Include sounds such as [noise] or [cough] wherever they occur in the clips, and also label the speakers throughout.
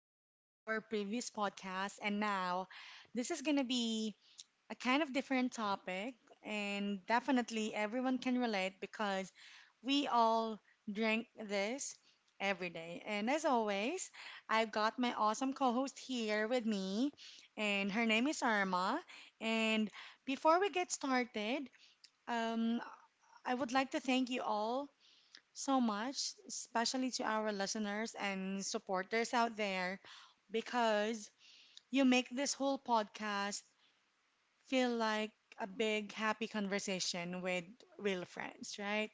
Speaker 1: of our previous podcast, and now this is gonna be a kind of different topic, and definitely everyone can relate because we all drink this every day. And as always, I've got my awesome co host here with me, and her name is Arma. And before we get started, um, I would like to thank you all so much, especially to our listeners and supporters out there, because you make this whole podcast feel like a big happy conversation with real friends, right?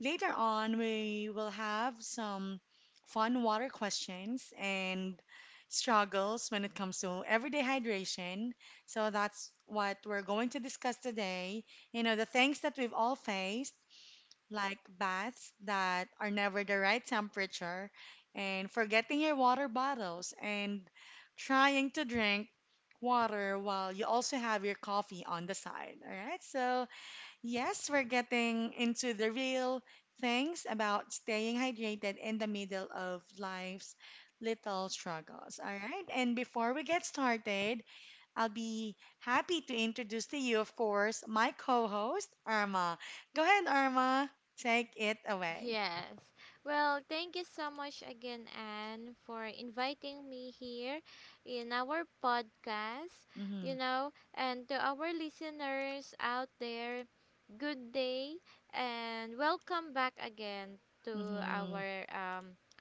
Speaker 1: Later on, we will have some fun water questions and struggles when it comes to everyday hydration. So that's what we're going to discuss today. The things that we've all faced like baths that are never the right temperature, and forgetting your water bottles, and trying to drink water while you also have your coffee on the side. All right, so yes, we're getting into the real things about staying hydrated in the middle of life's little struggles. All right, and before we get started, I'll be happy to introduce to you, of course, my co host, Irma. Go ahead, Irma. Take it away.
Speaker 2: Yes. Well, thank you so much again, Anne, for inviting me here in our podcast.
Speaker 1: Mm
Speaker 2: You know, and to our listeners out there, good day and welcome back again
Speaker 1: hmm. Mm
Speaker 2: to
Speaker 1: hmm.
Speaker 2: our um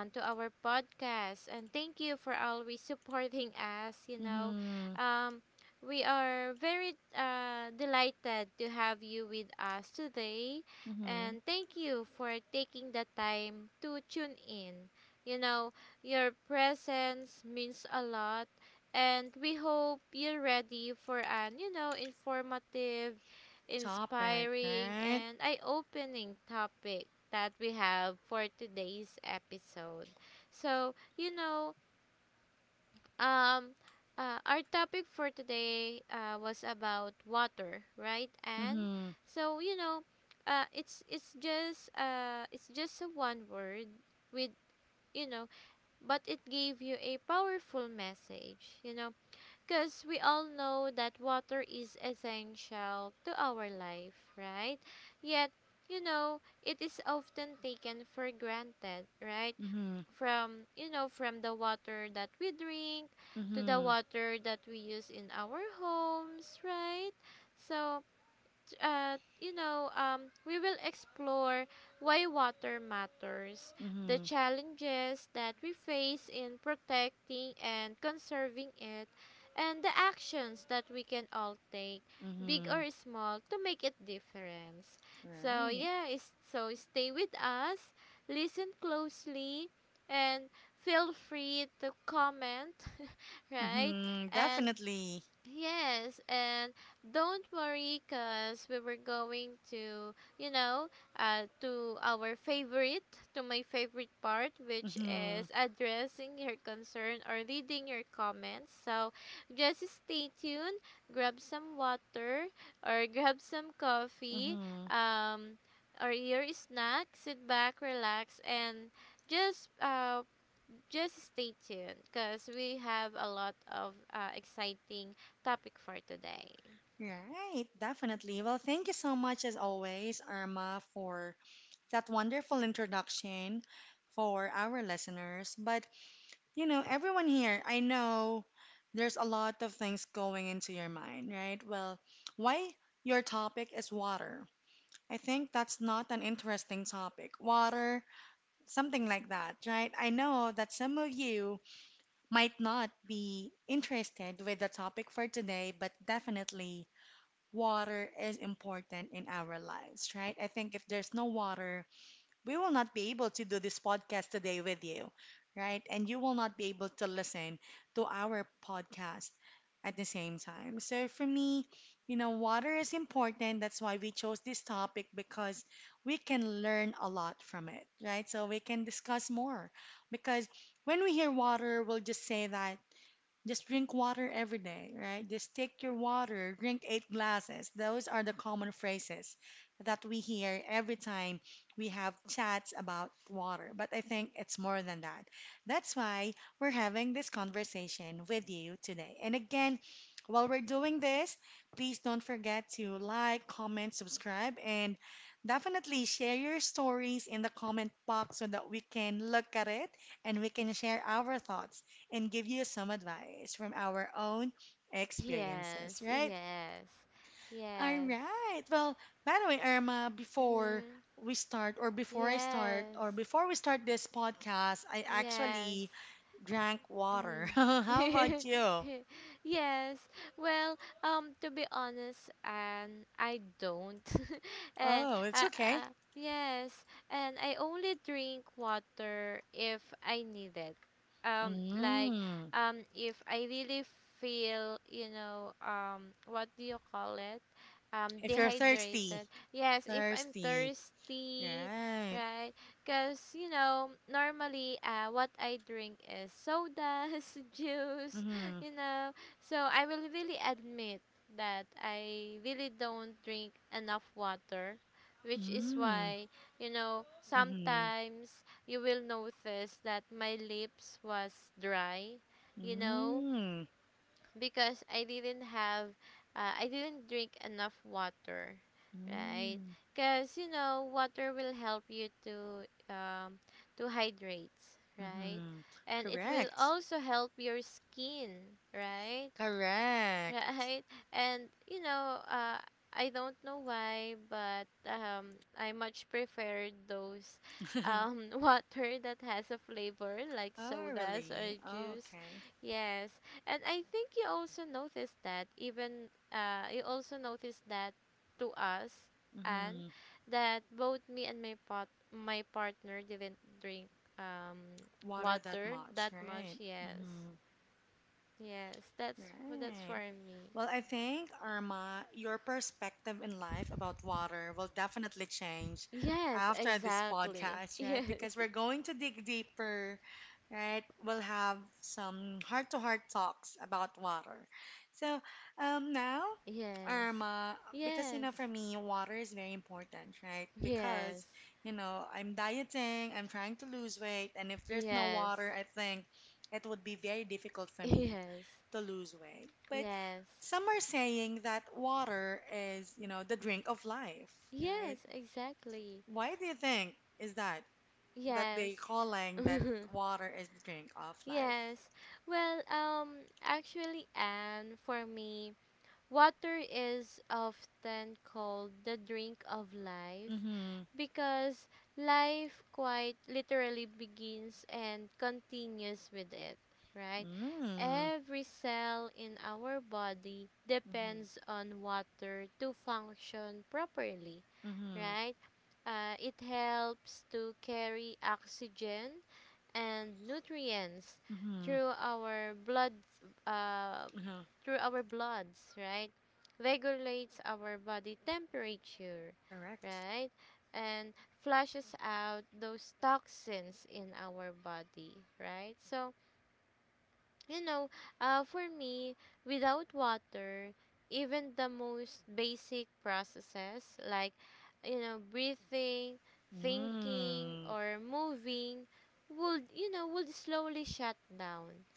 Speaker 2: um, to our podcast. And thank you for always supporting us.
Speaker 1: Mm hmm.
Speaker 2: Um, we are very delighted to have you with us today.
Speaker 1: Mm hmm.
Speaker 2: And thank you for taking the time to tune in. You know, your presence means a lot. And we hope you're ready for an, you know, informative,
Speaker 1: Topic,
Speaker 2: inspiring,
Speaker 1: right?
Speaker 2: and eye opening topic that we have for today's episode. So, you know, um, our topic for today was about water, right?
Speaker 1: Mm
Speaker 2: And
Speaker 1: hmm.
Speaker 2: so, you know, it's just a one word with you know, but it gave you a powerful message. You know, because we all know that water is essential to our life, right? Yet, you know, it is often taken for granted,
Speaker 1: Mm
Speaker 2: right?
Speaker 1: hmm.
Speaker 2: From, you know, from the water that we drink
Speaker 1: Mm
Speaker 2: to
Speaker 1: hmm.
Speaker 2: the water that we use in our homes, right? So, we will explore why water matters,
Speaker 1: Mm hmm.
Speaker 2: the challenges that we face in protecting and conserving it, and the actions that we can all take,
Speaker 1: Mm hmm.
Speaker 2: big or small, to make it difference. So
Speaker 1: Right.
Speaker 2: yeah, is so stay with us, listen closely, and feel free to comment, [laughs]
Speaker 1: Mm
Speaker 2: right?
Speaker 1: hmm.
Speaker 2: And
Speaker 1: Definitely.
Speaker 2: yes, and don't worry because we were going to, you know, uh, to our favorite, to my favorite part,
Speaker 1: Mm
Speaker 2: which
Speaker 1: hmm.
Speaker 2: is addressing your concern or reading your comments. So just stay tuned, grab some water or grab some
Speaker 1: Mm
Speaker 2: coffee,
Speaker 1: hmm.
Speaker 2: um, or your snack, sit back, relax, and just uh, just stay tuned because we have a lot of exciting topic for today.
Speaker 1: Right, definitely. Well, thank you so much, as always, Irma, for that wonderful introduction for our listeners. But everyone here, I know there's a lot of things going into your mind, right? Well, why your topic is water? I think that's not an interesting topic. Water, something like that, right? I know that some of you might not be interested with the topic for today, but definitely water is important in our lives, right? I think if there's no water, we will not be able to do this podcast today with you, right? And you will not be able to listen to our podcast at the same time. So for me, water is important. That's why we chose this topic because we can learn a lot from it, right? So we can discuss more because when we hear water, we'll just say that just drink water every day, right? Just take your water, drink eight glasses. Those are the common phrases that we hear every time we have chats about water. But I think it's more than that. That's why we're having this conversation with you today. And again, while we're doing this, please don't forget to like, comment, subscribe, and definitely share your stories in the comment box so that we can look at it and we can share our thoughts and give you some advice from our own experiences,
Speaker 2: Yes,
Speaker 1: right?
Speaker 2: yes,
Speaker 1: All
Speaker 2: yes,
Speaker 1: right. Well, by the way, Irma, before
Speaker 2: mm,
Speaker 1: we start, or before I start, or
Speaker 2: yes,
Speaker 1: before we start this podcast, I actually
Speaker 2: yes.
Speaker 1: drank water. [laughs]
Speaker 2: Mhm.
Speaker 1: How about
Speaker 2: [laughs]
Speaker 1: you?
Speaker 2: yes. Well, to be honest, and I don't, [laughs]
Speaker 1: Oh,
Speaker 2: and
Speaker 1: it's okay.
Speaker 2: yes, and I only drink water if I need it. Like,
Speaker 1: Mm,
Speaker 2: if I really feel, you know, what do you call it?
Speaker 1: if you're thirsty,
Speaker 2: Dehydrated. Yes, if I'm
Speaker 1: thirsty,
Speaker 2: thirsty,
Speaker 1: right?
Speaker 2: right? Because, you know, normally what I drink is sodas, [laughs] juice,
Speaker 1: Mm-hmm.
Speaker 2: you know. So I will really admit that I really don't drink enough water, which is
Speaker 1: Mm,
Speaker 2: why, you know,
Speaker 1: mm-hmm.
Speaker 2: sometimes you will notice that my lips was dry, you know
Speaker 1: Mm,
Speaker 2: because I didn't I didn't drink enough water, right?
Speaker 1: mm,
Speaker 2: Because you know, water will help you um, to hydrate, right?
Speaker 1: mm-hmm.
Speaker 2: And it will
Speaker 1: Correct.
Speaker 2: also help your skin, right?
Speaker 1: Correct.
Speaker 2: right? And you know, I don't know why, but I much prefer those
Speaker 1: [laughs]
Speaker 2: [laughs] water that has a flavor like
Speaker 1: Oh,
Speaker 2: sodas
Speaker 1: really?
Speaker 2: or
Speaker 1: Oh,
Speaker 2: juice.
Speaker 1: okay.
Speaker 2: Yes, and I think you also noticed that even you also noticed that to us
Speaker 1: Mm-hmm.
Speaker 2: and that both me and my partner didn't drink um
Speaker 1: Water that
Speaker 2: water
Speaker 1: much,
Speaker 2: that
Speaker 1: right?
Speaker 2: much,
Speaker 1: Mm-hmm.
Speaker 2: yes, yes, that's
Speaker 1: Right.
Speaker 2: for me.
Speaker 1: Well, I think, Irma, your perspective in life about water will definitely change
Speaker 2: Yes,
Speaker 1: after this
Speaker 2: exactly.
Speaker 1: podcast, right?
Speaker 2: [laughs]
Speaker 1: Because we're going to dig deeper, right? We'll have some heart to heart talks about water. So, now,
Speaker 2: Yes.
Speaker 1: Irma, because,
Speaker 2: Yes.
Speaker 1: for me, water is very important, right? Because,
Speaker 2: Yes.
Speaker 1: I'm dieting, I'm trying to lose weight, and if there's no
Speaker 2: Yes.
Speaker 1: water, I think it would be very difficult for me
Speaker 2: Yes. Yes.
Speaker 1: to lose weight. But
Speaker 2: Yes.
Speaker 1: some are saying that water is, the drink of life, right?
Speaker 2: Yes, exactly.
Speaker 1: Why do you think is that that they
Speaker 2: Yes.
Speaker 1: calling that
Speaker 2: [laughs]
Speaker 1: water is the drink of life?
Speaker 2: yes. Well, actually and for me water is often called the drink of life
Speaker 1: Mm-hmm.
Speaker 2: because life quite literally begins and continues with it, right?
Speaker 1: Mm.
Speaker 2: Every cell in our body
Speaker 1: Mm-hmm.
Speaker 2: depends on water to function properly,
Speaker 1: Mm-hmm.
Speaker 2: right? It helps to carry oxygen and nutrients
Speaker 1: Mm-hmm.
Speaker 2: through our blood uh,
Speaker 1: Mm-hmm.
Speaker 2: through our bloods, right? Regulates our body temperature,
Speaker 1: Correct.
Speaker 2: right? And flushes out those toxins in our body, right? So you know, for me, without water, even the most basic processes like, you know, breathing, thinking,
Speaker 1: Mm.
Speaker 2: or moving would, you know, would slowly shut down.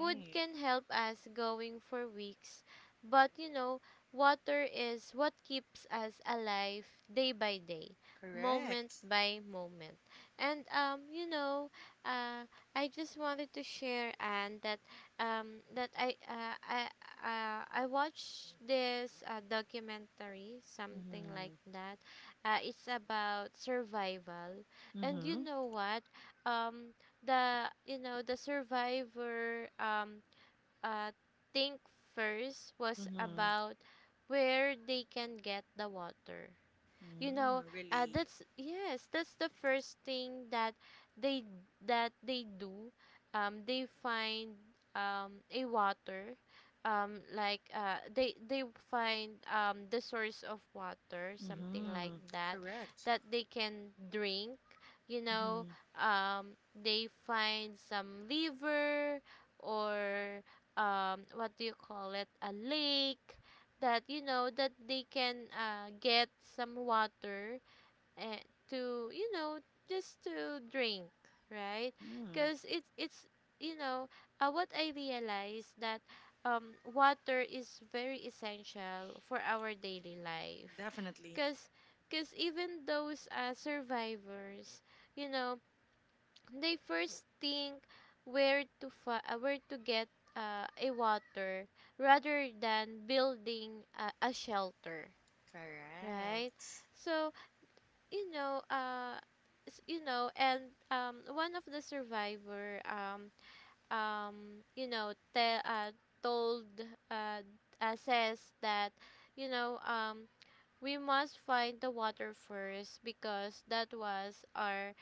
Speaker 2: Food can help us going for weeks, but, you know, water is what keeps us alive day by day, moment
Speaker 1: Correct.
Speaker 2: by moment. And, uh, I just wanted to share, and that um that I uh, I I watched this documentary something
Speaker 1: Mm-hmm.
Speaker 2: like that. It's about survival, and
Speaker 1: Mm-hmm.
Speaker 2: you know what? Um, the you know the survivor uh think first was
Speaker 1: Mm-hmm.
Speaker 2: about where they can get the water, you
Speaker 1: Mm,
Speaker 2: know.
Speaker 1: really.
Speaker 2: That's Yes, that's the first thing they that they do. They find a water, they find the source of water something
Speaker 1: Mm-hmm.
Speaker 2: like that
Speaker 1: Correct.
Speaker 2: that they can drink, you
Speaker 1: Mm-hmm.
Speaker 2: know. um, they find some liver or what do you call it, a lake that you know that they can get some water and to you know just to drink, right?
Speaker 1: Mm-hmm.
Speaker 2: Because it's you know, what I realized that water is very essential for our daily life.
Speaker 1: Definitely.
Speaker 2: because because even those survivors you know they first think where to where to get a water rather than building a shelter, right?
Speaker 1: Correct.
Speaker 2: So you know you know. And one of the survivor um you know, told uh, says that you know we must find the water first because that was our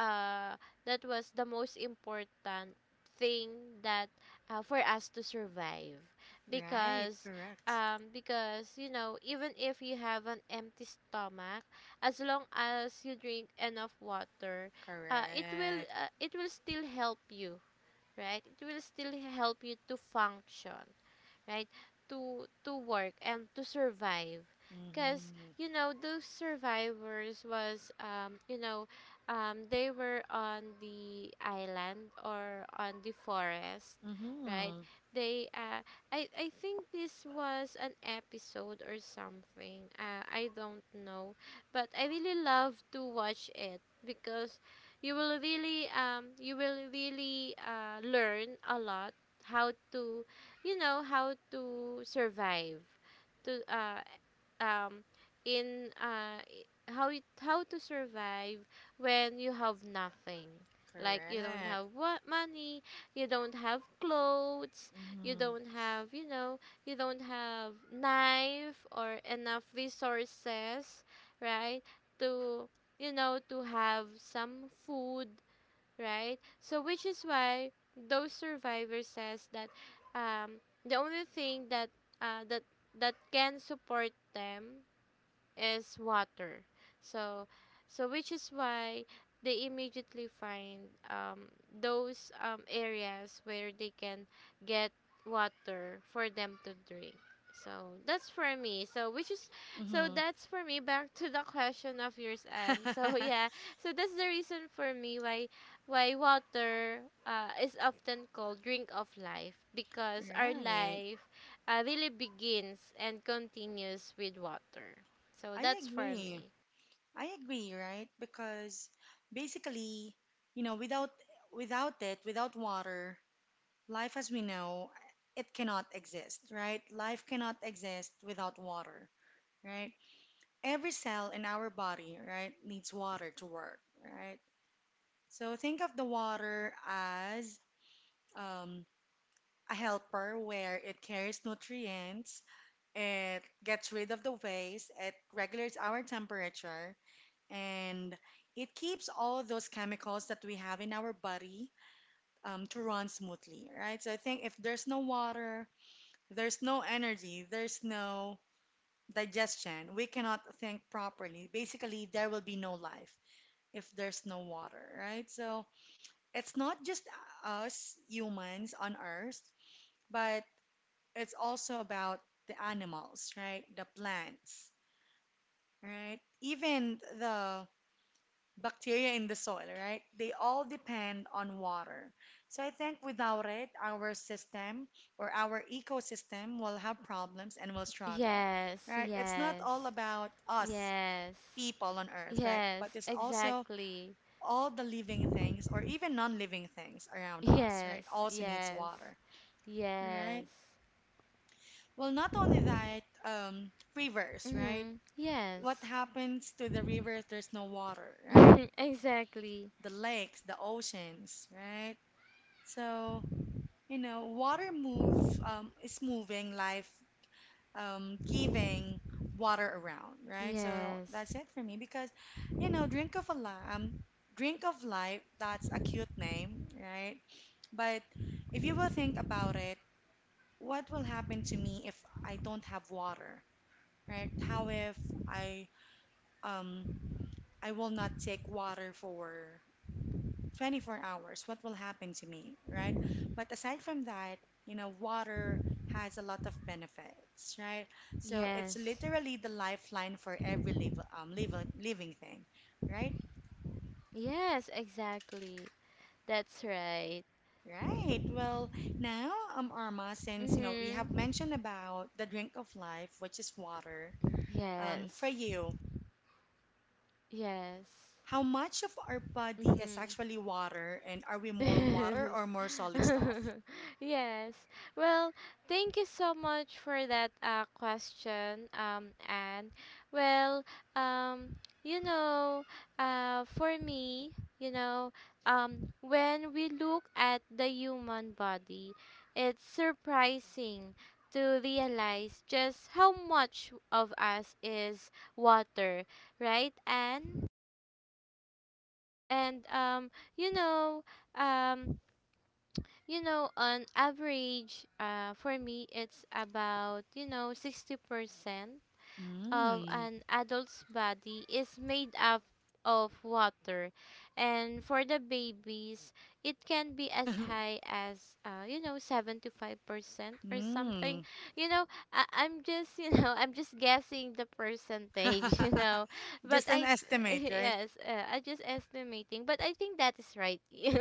Speaker 2: uh that was the most important thing that for us to survive.
Speaker 1: Right,
Speaker 2: Because
Speaker 1: correct.
Speaker 2: you know even if you have an empty stomach, as long as you drink enough water,
Speaker 1: Correct.
Speaker 2: it will still help you, right? It will still help you to function, right? To work and to survive. Cause
Speaker 1: Mm-hmm.
Speaker 2: you know those survivors was you know they were on the island or on the forest, right?
Speaker 1: Mm-hmm.
Speaker 2: They I think this was an episode or something. I don't know, but I really love to watch it because you will really you will really learn a lot how to you know how to survive to um in how to survive when you have nothing, like you don't
Speaker 1: Correct.
Speaker 2: have what money, you don't have clothes, you
Speaker 1: Mm-hmm.
Speaker 2: don't have you know you don't have knife or enough resources, right? To you know to have some food, right? So which is why those survivors says that um, the only thing that uh, that that can support them is water. So, so which is why they immediately find those areas where they can get water for them to drink. So that's for me. So which is So
Speaker 1: Mm-hmm. [laughs]
Speaker 2: that's for me, back to the question of yours, and so [laughs] yeah. So that's the reason for me why water is often called drink of life because our
Speaker 1: Right.
Speaker 2: life really begins and continues with water. So
Speaker 1: I
Speaker 2: that's for
Speaker 1: agree.
Speaker 2: me.
Speaker 1: I agree, right? Because basically, you know, without without it, without water, life as we know, it cannot exist, right? Life cannot exist without water, right? Every cell in our body, right, needs water to work, right? So think of the water as um, a helper where it carries nutrients, it gets rid of the waste, it regulates our temperature, and it keeps all those chemicals that we have in our body to run smoothly, right? So I think if there's no water, there's no energy, there's no digestion, we cannot think properly. Basically, there will be no life if there's no water, right? So it's not just us humans on Earth, but it's also about the animals, right? The plants, right? Even the bacteria in the soil, right? They all depend on water. So I think without it, our system or our ecosystem will have problems and will struggle,
Speaker 2: Yes,
Speaker 1: right? It's not all
Speaker 2: yes,
Speaker 1: about us
Speaker 2: yes,
Speaker 1: people on Earth, right?
Speaker 2: yes,
Speaker 1: But it's also
Speaker 2: exactly.
Speaker 1: all the living things or even non-living things around us, right?
Speaker 2: Yes,
Speaker 1: Also needs
Speaker 2: yes,
Speaker 1: water. Right.
Speaker 2: yes.
Speaker 1: Well, not only that, rivers, right?
Speaker 2: Mm-hmm. Yes,
Speaker 1: What happens to the rivers? There's no water, right?
Speaker 2: [laughs] exactly.
Speaker 1: The lakes, the oceans, right? So, water move is moving, life giving water around, right? So
Speaker 2: Yes,
Speaker 1: that's it for me because, you know, drink of a li- um, drink of life. That's a cute name, right? But if you will think about it, what will happen to me if I don't have water, right? How if I um I will not take water for 24 hours? What will happen to me, right? But aside from that, water has a lot of benefits, right? So it's
Speaker 2: yes,
Speaker 1: literally the lifeline for every live, living living thing, right?
Speaker 2: yes, exactly. That's right.
Speaker 1: Right. Well, now, Arma, since we have
Speaker 2: Mm-hmm.
Speaker 1: mentioned about the drink of life, which is water, for
Speaker 2: Yes,
Speaker 1: you,
Speaker 2: yes.
Speaker 1: how much of our body is
Speaker 2: Mm-hmm.
Speaker 1: actually water, and are we more water
Speaker 2: Yes.
Speaker 1: or more solid stuff?
Speaker 2: [laughs] Yes. Well, thank you so much for that question, and well, um, you know, for me, you know, when we look at the human body, it's surprising to realize just how much of us is water, right? And and um, you know, um, you know, on average, for me, it's about, you know, 60% of
Speaker 1: Mm,
Speaker 2: an adult's body is made up of water. And for the babies it can be as high as you know 75% or something,
Speaker 1: mm.
Speaker 2: you know. I- I'm just you know [laughs] I'm just guessing the percentage, [laughs] you know,
Speaker 1: [laughs]
Speaker 2: but
Speaker 1: Just an estimate,
Speaker 2: [laughs]
Speaker 1: right?
Speaker 2: yes I just estimating but I think that is right. [laughs]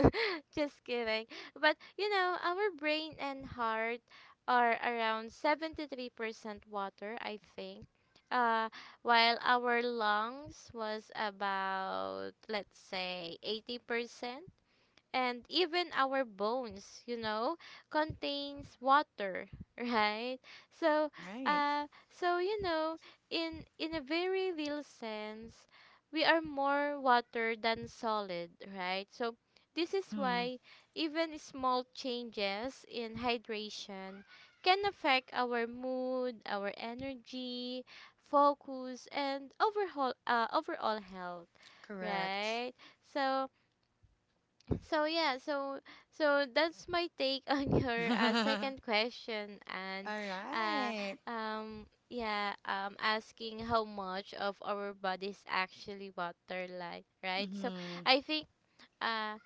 Speaker 2: Just kidding. But you know our brain and heart are around 73% water I think. uh, while our lungs was about, let's say, 80%. And even our bones you know contains water, [laughs] right? So
Speaker 1: Right.
Speaker 2: so you know, in a very real sense we are more water than solid, right? So this is
Speaker 1: Mm-hmm.
Speaker 2: why even small changes in hydration can affect our mood, our energy, focus and overall health,
Speaker 1: Correct.
Speaker 2: right? So so yeah, so so that's my take [laughs] on
Speaker 1: [laughs]
Speaker 2: your
Speaker 1: All
Speaker 2: second question. And uh
Speaker 1: right.
Speaker 2: yeah asking how much of our bodies actually water, like, right? So
Speaker 1: Mm-hmm.
Speaker 2: I think uh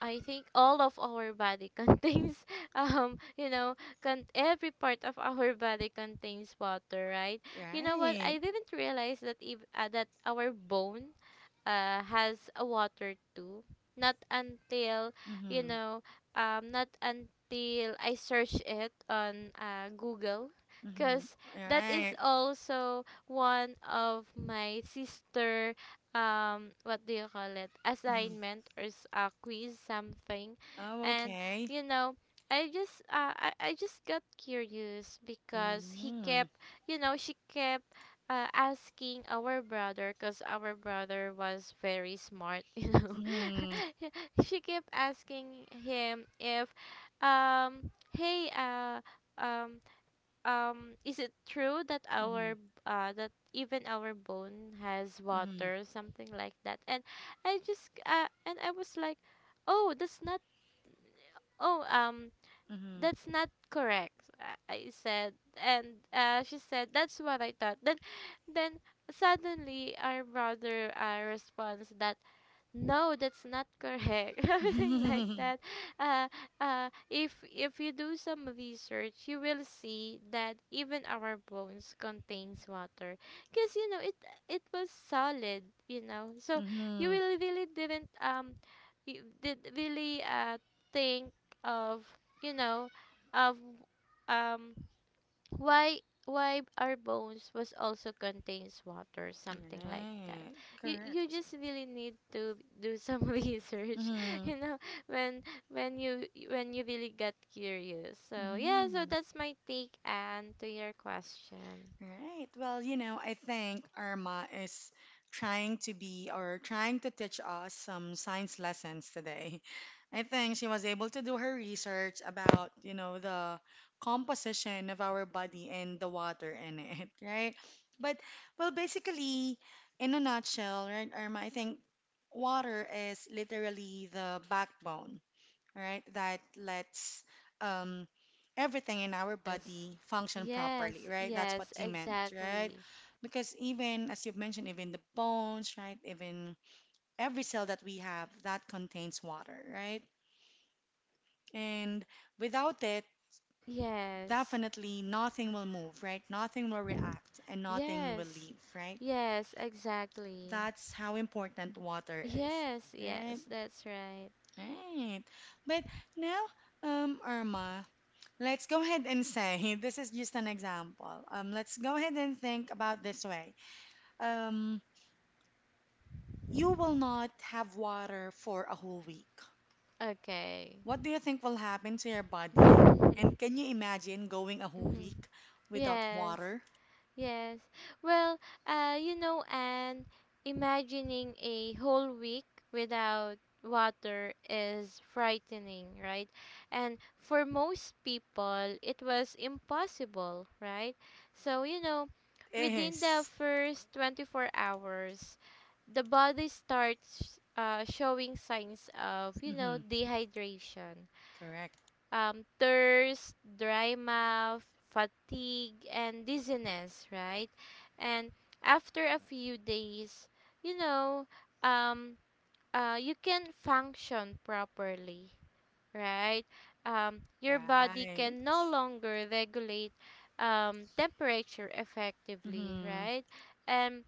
Speaker 2: I think all of our body [laughs] contains, um, you know, every part of our body contains water, right? You know what?
Speaker 1: Right.
Speaker 2: I didn't realize that if that our bone, has a water too. Not until, you
Speaker 1: Mm-hmm.
Speaker 2: know, not until I search it on Google,
Speaker 1: Mm-hmm.
Speaker 2: because
Speaker 1: All
Speaker 2: that is
Speaker 1: right.
Speaker 2: also one of my sister what do you call it
Speaker 1: Mm-hmm.
Speaker 2: assignment or a quiz something.
Speaker 1: Oh,
Speaker 2: And
Speaker 1: okay.
Speaker 2: you know I just got curious because he
Speaker 1: Mm-hmm.
Speaker 2: kept you know she kept asking our brother, because our brother was very smart [laughs] you know.
Speaker 1: Mm-hmm.
Speaker 2: [laughs] She kept asking him if um hey um is it true that
Speaker 1: Mm-hmm.
Speaker 2: that even our bone has
Speaker 1: Mm-hmm.
Speaker 2: water, something like that. And I just and I was like, oh, that's not oh that's not correct. i I said. And uh, she said that's what I thought. Then suddenly our brother responds that no, that's not correct, [laughs] something like
Speaker 1: Mm-hmm.
Speaker 2: that.
Speaker 1: [laughs]
Speaker 2: uh, if you do some research, you will see that even our bones contains water, because you know, it was solid, you know. So you
Speaker 1: Mm-hmm.
Speaker 2: will really didn't you did really think of, you know, of um why why our bones was also contains water, something like that.
Speaker 1: Right.
Speaker 2: You
Speaker 1: Correct.
Speaker 2: just really need to do some [laughs] research, [laughs]
Speaker 1: Mm-hmm.
Speaker 2: you know, when when you when you really got curious. So yeah, so
Speaker 1: Mm-hmm.
Speaker 2: that's my take and to your question.
Speaker 1: Right. Well, I think Irma is trying to be or trying to teach us some science lessons today. [laughs] I think she was able to do her research about, the composition of our body and the water in it, [laughs] right? But, well, basically, in a nutshell, right, Irma, I think water is literally the backbone, right? That lets um, everything in our
Speaker 2: Yes,
Speaker 1: body function properly,
Speaker 2: yes,
Speaker 1: right? That's what
Speaker 2: yes,
Speaker 1: you meant, right?
Speaker 2: exactly.
Speaker 1: Because even, as you've mentioned, even the bones, right? Even every cell that we have that contains water, right? And without it,
Speaker 2: Yes,
Speaker 1: definitely nothing will move, right? Nothing will react and nothing will
Speaker 2: yes,
Speaker 1: live, right?
Speaker 2: yes, exactly.
Speaker 1: That's how important water is,
Speaker 2: Yes,
Speaker 1: right?
Speaker 2: yes, that's right.
Speaker 1: Right. But now, Irma, let's go ahead and say [laughs] this is just an example. Let's go ahead and think about this way. Um, you will not have water for a whole week.
Speaker 2: Okay.
Speaker 1: What do you think will happen to your body? [laughs] And
Speaker 2: [laughs]
Speaker 1: can you imagine going a whole
Speaker 2: Mm-hmm.
Speaker 1: week without
Speaker 2: Yes,
Speaker 1: water?
Speaker 2: yes. Well, you know, and imagining a whole week without water is frightening, right? And for most people, it was impossible, right? So, you know,
Speaker 1: It
Speaker 2: within the
Speaker 1: is.
Speaker 2: first 24 hours, the body starts showing signs of, you
Speaker 1: Mm-hmm.
Speaker 2: know, dehydration,
Speaker 1: Correct.
Speaker 2: thirst, dry mouth, fatigue, and dizziness, right? And after a few days, you know, um, you can function properly, right? Your body
Speaker 1: Right.
Speaker 2: can no longer regulate temperature effectively,
Speaker 1: Mm-hmm.
Speaker 2: right? And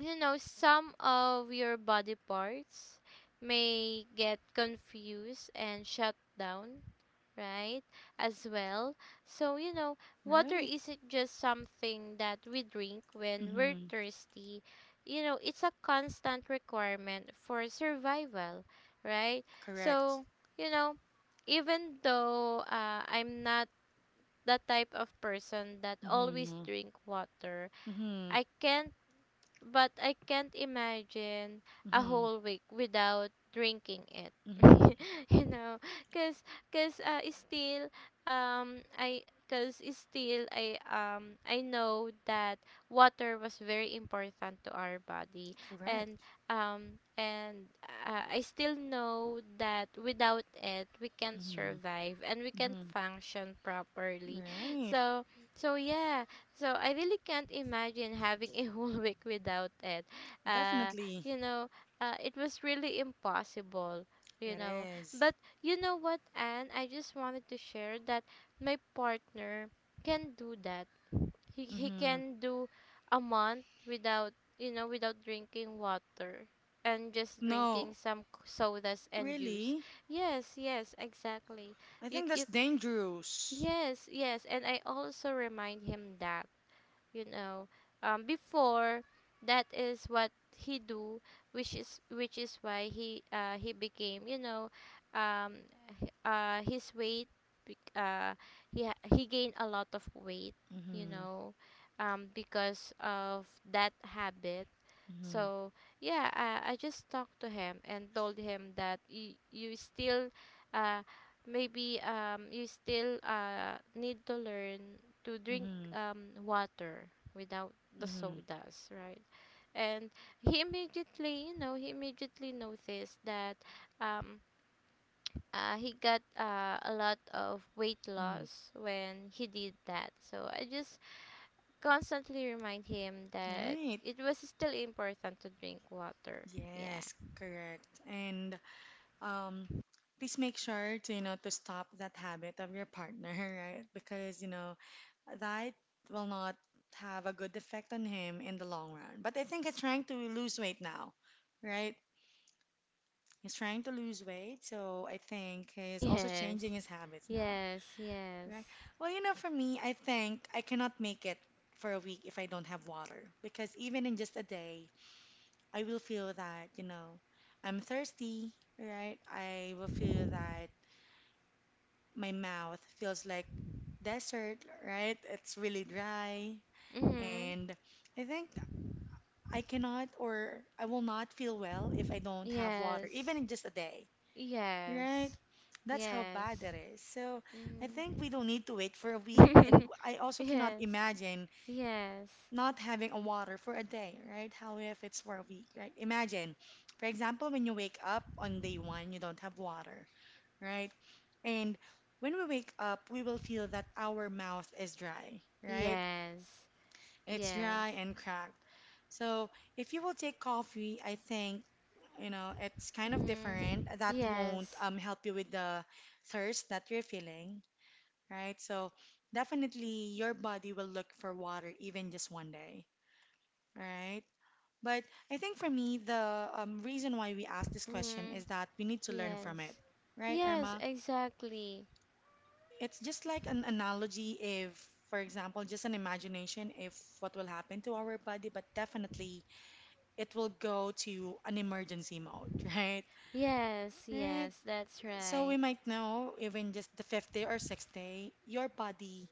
Speaker 2: you know, some of your body parts may get confused and shut down, right? As well. So, you know, water
Speaker 1: Right.
Speaker 2: isn't just something that we drink when we're
Speaker 1: Mm-hmm.
Speaker 2: thirsty. You know, it's a constant requirement for survival, right?
Speaker 1: Correct.
Speaker 2: So, you know, even though I'm not the type of person that always
Speaker 1: Mm-hmm.
Speaker 2: drink water,
Speaker 1: Mm-hmm.
Speaker 2: I can't I can't imagine a
Speaker 1: Mm-hmm.
Speaker 2: whole week without drinking it. [laughs]
Speaker 1: Mm-hmm.
Speaker 2: You know, cause cause still I cause still I know that water was very important to our body, and
Speaker 1: Correct.
Speaker 2: and I still know that without it we can't
Speaker 1: Mm-hmm.
Speaker 2: survive and we can't
Speaker 1: Mm-hmm.
Speaker 2: function properly.
Speaker 1: Right.
Speaker 2: So so yeah, so I really can't imagine having a whole [laughs] week without it. Uh,
Speaker 1: Definitely.
Speaker 2: you know, it was really impossible. You
Speaker 1: It
Speaker 2: know,
Speaker 1: is.
Speaker 2: but you know what, Anne? I just wanted to share that my partner can do that. He
Speaker 1: Mm-hmm.
Speaker 2: can do a month without, you know, without drinking water, and just drinking
Speaker 1: No,
Speaker 2: some sodas and juice.
Speaker 1: really?
Speaker 2: Yes, yes, exactly.
Speaker 1: I
Speaker 2: You
Speaker 1: think that's
Speaker 2: you
Speaker 1: dangerous.
Speaker 2: yes, yes, and I also remind him that, you know, before that is what he do, which is why he became, you know, um h- uh his weight bec- uh he gained a lot of weight, you
Speaker 1: Mm-hmm.
Speaker 2: know, because of that habit.
Speaker 1: Mm-hmm.
Speaker 2: So yeah, I just talked to him and told him that you still, uh, maybe you still need to learn to drink
Speaker 1: Mm-hmm.
Speaker 2: water without the
Speaker 1: Mm-hmm.
Speaker 2: sodas, right? And he immediately, you know, he immediately noticed that um, he got a lot of weight loss when he did that. So I just constantly remind him
Speaker 1: Mm-hmm.
Speaker 2: that
Speaker 1: Right.
Speaker 2: it was still important to drink water. Yeah.
Speaker 1: Yes,
Speaker 2: [laughs]
Speaker 1: correct. And um, please make sure to stop that habit of your partner, [laughs] right? Because, that will not have a good effect on him in the long run. But I think he's trying to lose weight now, right? He's trying to lose weight, so I think he's also
Speaker 2: Yes.
Speaker 1: changing his habits now.
Speaker 2: Yes.
Speaker 1: Right.
Speaker 2: Yes.
Speaker 1: Well, for me, I think I cannot make it for a week if I don't have water because even in just a day, I will feel that, I'm thirsty, right? I will feel that my mouth feels like desert, right? It's really dry.
Speaker 2: Mhm.
Speaker 1: And I think I cannot or I will not feel well if I don't have water, even
Speaker 2: Yes.
Speaker 1: in just a day, right?
Speaker 2: Yes.
Speaker 1: That's how bad
Speaker 2: Yes.
Speaker 1: that is. So I
Speaker 2: Mhm.
Speaker 1: think we don't need to wait for a week. And
Speaker 2: [laughs]
Speaker 1: I also cannot
Speaker 2: Yes.
Speaker 1: imagine
Speaker 2: Yes.
Speaker 1: not having a water for a day, right? How if it's for a week, right? Imagine, for example, when you wake up on day one, you don't have water, right? And when we wake up, we will feel that our mouth is dry, right?
Speaker 2: Yes.
Speaker 1: It's dry
Speaker 2: Yes.
Speaker 1: and cracked. So if you will take coffee, I think, it's kind of different.
Speaker 2: Mhm.
Speaker 1: That won't
Speaker 2: Yes.
Speaker 1: help you with the thirst that you're feeling, right? So definitely your body will look for water even just one day, right? But I think for me, the reason why we ask this question
Speaker 2: Mhm.
Speaker 1: is that we need to learn from it,
Speaker 2: Yes.
Speaker 1: right,
Speaker 2: Yes,
Speaker 1: Irma?
Speaker 2: exactly.
Speaker 1: It's just like an analogy if, for example, just an imagination if what will happen to our body, but definitely it will go to an emergency mode, [laughs] right?
Speaker 2: Yes,
Speaker 1: Right.
Speaker 2: yes, that's
Speaker 1: So
Speaker 2: right.
Speaker 1: we might know even just the fifth day or sixth day, your body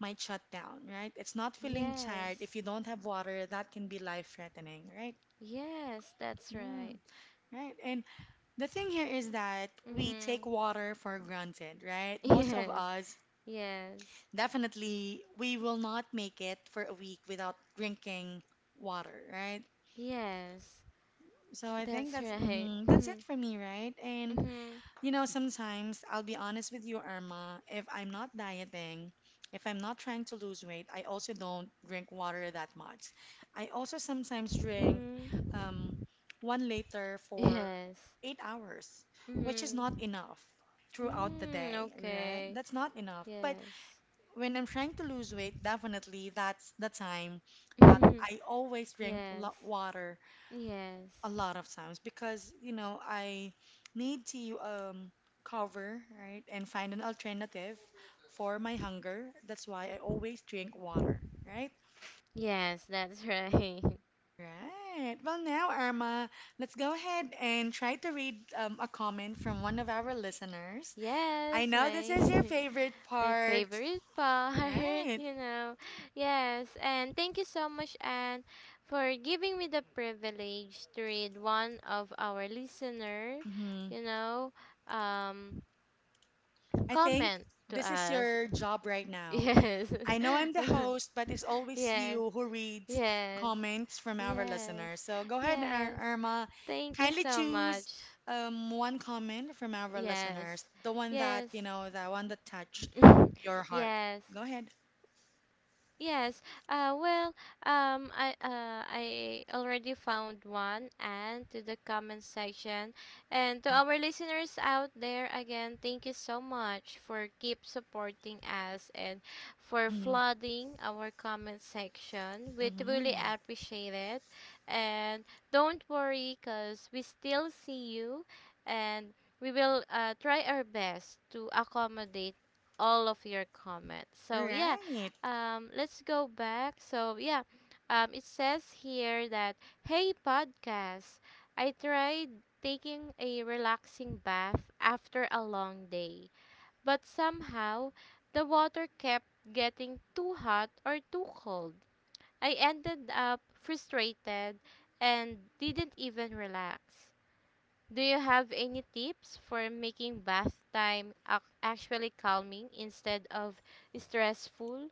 Speaker 1: might shut down, right? It's not feeling tired.
Speaker 2: Yes.
Speaker 1: If you don't have water, that can be life-threatening, right?
Speaker 2: Yes, that's right.
Speaker 1: Mm, right. And the thing here is that we take
Speaker 2: Mhm.
Speaker 1: water for granted,
Speaker 2: [laughs]
Speaker 1: right? Most of
Speaker 2: Yes.
Speaker 1: us
Speaker 2: Yes.
Speaker 1: definitely we will not make it for a week without drinking water, right?
Speaker 2: Yes.
Speaker 1: So I think
Speaker 2: That's
Speaker 1: that's
Speaker 2: right. [laughs]
Speaker 1: that's it
Speaker 2: Mhm.
Speaker 1: for me, right? And
Speaker 2: Mhm.
Speaker 1: you know, sometimes I'll be honest with you, Irma, if I'm not dieting, if I'm not trying to lose weight, I also don't drink water that much. I also sometimes drink
Speaker 2: Mhm.
Speaker 1: um, 1 liter for
Speaker 2: Yes.
Speaker 1: 8 hours, which is not
Speaker 2: Mhm.
Speaker 1: enough throughout the
Speaker 2: Mm,
Speaker 1: day, right?
Speaker 2: okay.
Speaker 1: That's not enough. But
Speaker 2: Yes.
Speaker 1: when I'm trying to lose weight, definitely that's the time
Speaker 2: [laughs]
Speaker 1: that
Speaker 2: Mhm.
Speaker 1: I always drink
Speaker 2: Yes.
Speaker 1: water
Speaker 2: Yes.
Speaker 1: a lot of times because you know I need to cover right and find an alternative for my hunger. That's why I always drink water, right?
Speaker 2: Yes, that's right. [laughs]
Speaker 1: Right. Well, now, Irma, let's go ahead and try to read a comment from one of our listeners. I
Speaker 2: Yes,
Speaker 1: know this
Speaker 2: mate.
Speaker 1: is your
Speaker 2: [laughs]
Speaker 1: favorite
Speaker 2: My
Speaker 1: part,
Speaker 2: favorite part, [laughs]
Speaker 1: right?
Speaker 2: you know. Yes, and thank you so much, Anne, for giving me the privilege to read one of our listener,
Speaker 1: hmm
Speaker 2: you know, um,
Speaker 1: I think
Speaker 2: comment to
Speaker 1: this is
Speaker 2: us.
Speaker 1: your
Speaker 2: [laughs]
Speaker 1: job right now.
Speaker 2: Yes.
Speaker 1: I know I'm the
Speaker 2: [laughs]
Speaker 1: host, but it's always
Speaker 2: Yes.
Speaker 1: you who reads
Speaker 2: Yes.
Speaker 1: comments from our
Speaker 2: Yes.
Speaker 1: listeners. So go ahead,
Speaker 2: Yes.
Speaker 1: Irma.
Speaker 2: Thank you
Speaker 1: Kindly
Speaker 2: so
Speaker 1: choose
Speaker 2: much.
Speaker 1: one comment from our listeners,
Speaker 2: Yes.
Speaker 1: the one that,
Speaker 2: Yes.
Speaker 1: you know, the one that touched your
Speaker 2: [laughs]
Speaker 1: heart.
Speaker 2: Yes.
Speaker 1: Go ahead.
Speaker 2: Yes. Uh, well, I already found one. And to the comment section, and to
Speaker 1: Mhm.
Speaker 2: our listeners out there, again, thank you so much for keep supporting us and for
Speaker 1: Mhm.
Speaker 2: flooding our comment section. We truly
Speaker 1: Mhm.
Speaker 2: appreciate it, and don't worry, cause we still see you, and we will try our best to accommodate all of your comments. So yeah,
Speaker 1: Right.
Speaker 2: let's go back. So yeah, it says here that, hey podcast, I tried taking a relaxing bath after a long day, but somehow the water kept getting too hot or too cold. I ended up frustrated and didn't even relax. Do you have any tips for making bath time actually calming instead of stressful?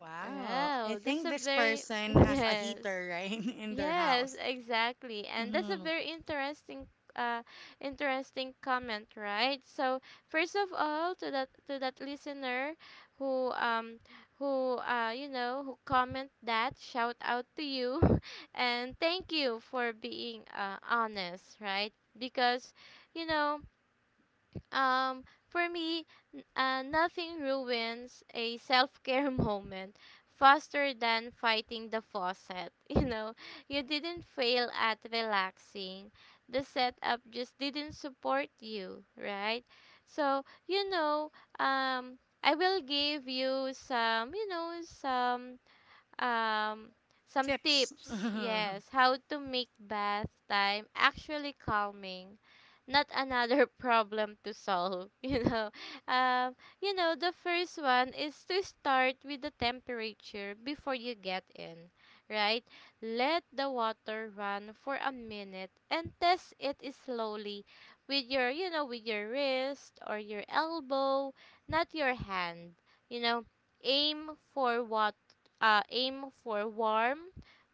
Speaker 1: Wow. I
Speaker 2: Wow, that's
Speaker 1: think
Speaker 2: a
Speaker 1: this
Speaker 2: very
Speaker 1: person
Speaker 2: [laughs]
Speaker 1: has a
Speaker 2: yes,
Speaker 1: heater, right, [laughs] in their
Speaker 2: yes,
Speaker 1: house.
Speaker 2: exactly, and that's a
Speaker 1: Mhm.
Speaker 2: very interesting, uh, interesting comment, right? So first of all, to that listener, who um who you know who comment that, shout out to you, [laughs] and thank you for being honest, right? Because you know, for me, nothing ruins a self care [laughs] moment faster than fighting the faucet. [laughs] You know, you didn't fail at relaxing, the setup just didn't support you, right? So, you know, um, I will give you some, you know, um some
Speaker 1: Tips.
Speaker 2: tips,
Speaker 1: [laughs]
Speaker 2: yes, how to make bath time actually calming, not another [laughs] problem to solve, [laughs] you know. Um you know the first one is to start with the temperature before you get in, right? Let the water run for a minute and test it slowly with your wrist or your elbow, not your hand, you know. Aim for water, aim for warm,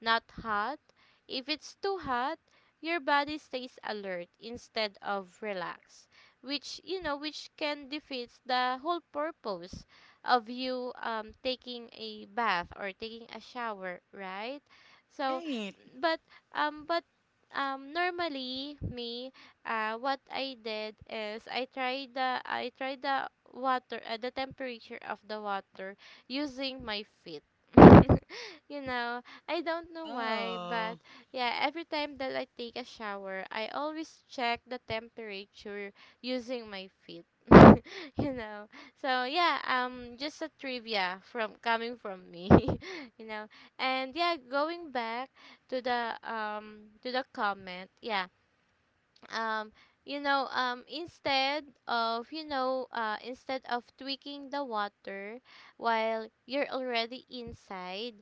Speaker 2: not hot. If it's too hot, your body stays alert instead of relaxed, which you know, which can defeat the whole purpose of you taking a bath or taking a shower, right? So,
Speaker 1: Right.
Speaker 2: but um, but normally me, what I did is I tried the water, the temperature of the water, using my feet. [laughs] You know, I don't know why,
Speaker 1: Oh.
Speaker 2: but yeah, every time that I take a shower, I always check the temperature using my feet. [laughs] You know. So yeah, just a trivia from coming from me, [laughs] you know. And yeah, going back to the comment. Yeah, um instead of, instead of tweaking the water while you're already inside,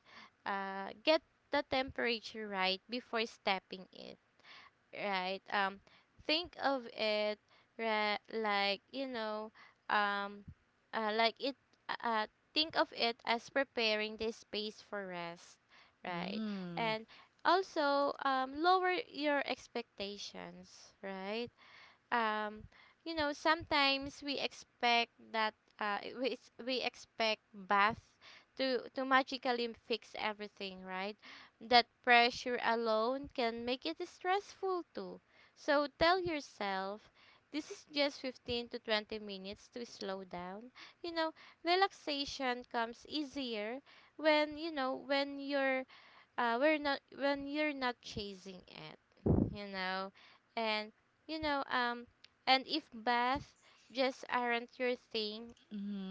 Speaker 2: get the temperature right before stepping in, right? Think of it like, you know, um, like it. Uh, uh, think of it as preparing this space for rest, right?
Speaker 1: Mm.
Speaker 2: And also, lower your expectations, right? um you know, sometimes we expect that we expect bath to magically fix everything, right? That pressure alone can make it stressful too. So tell yourself this is just 15 to 20 minutes to slow down, you know. Relaxation comes easier when you know when you're we're not when you're not chasing it, you know. And you know, and if bath just aren't your thing,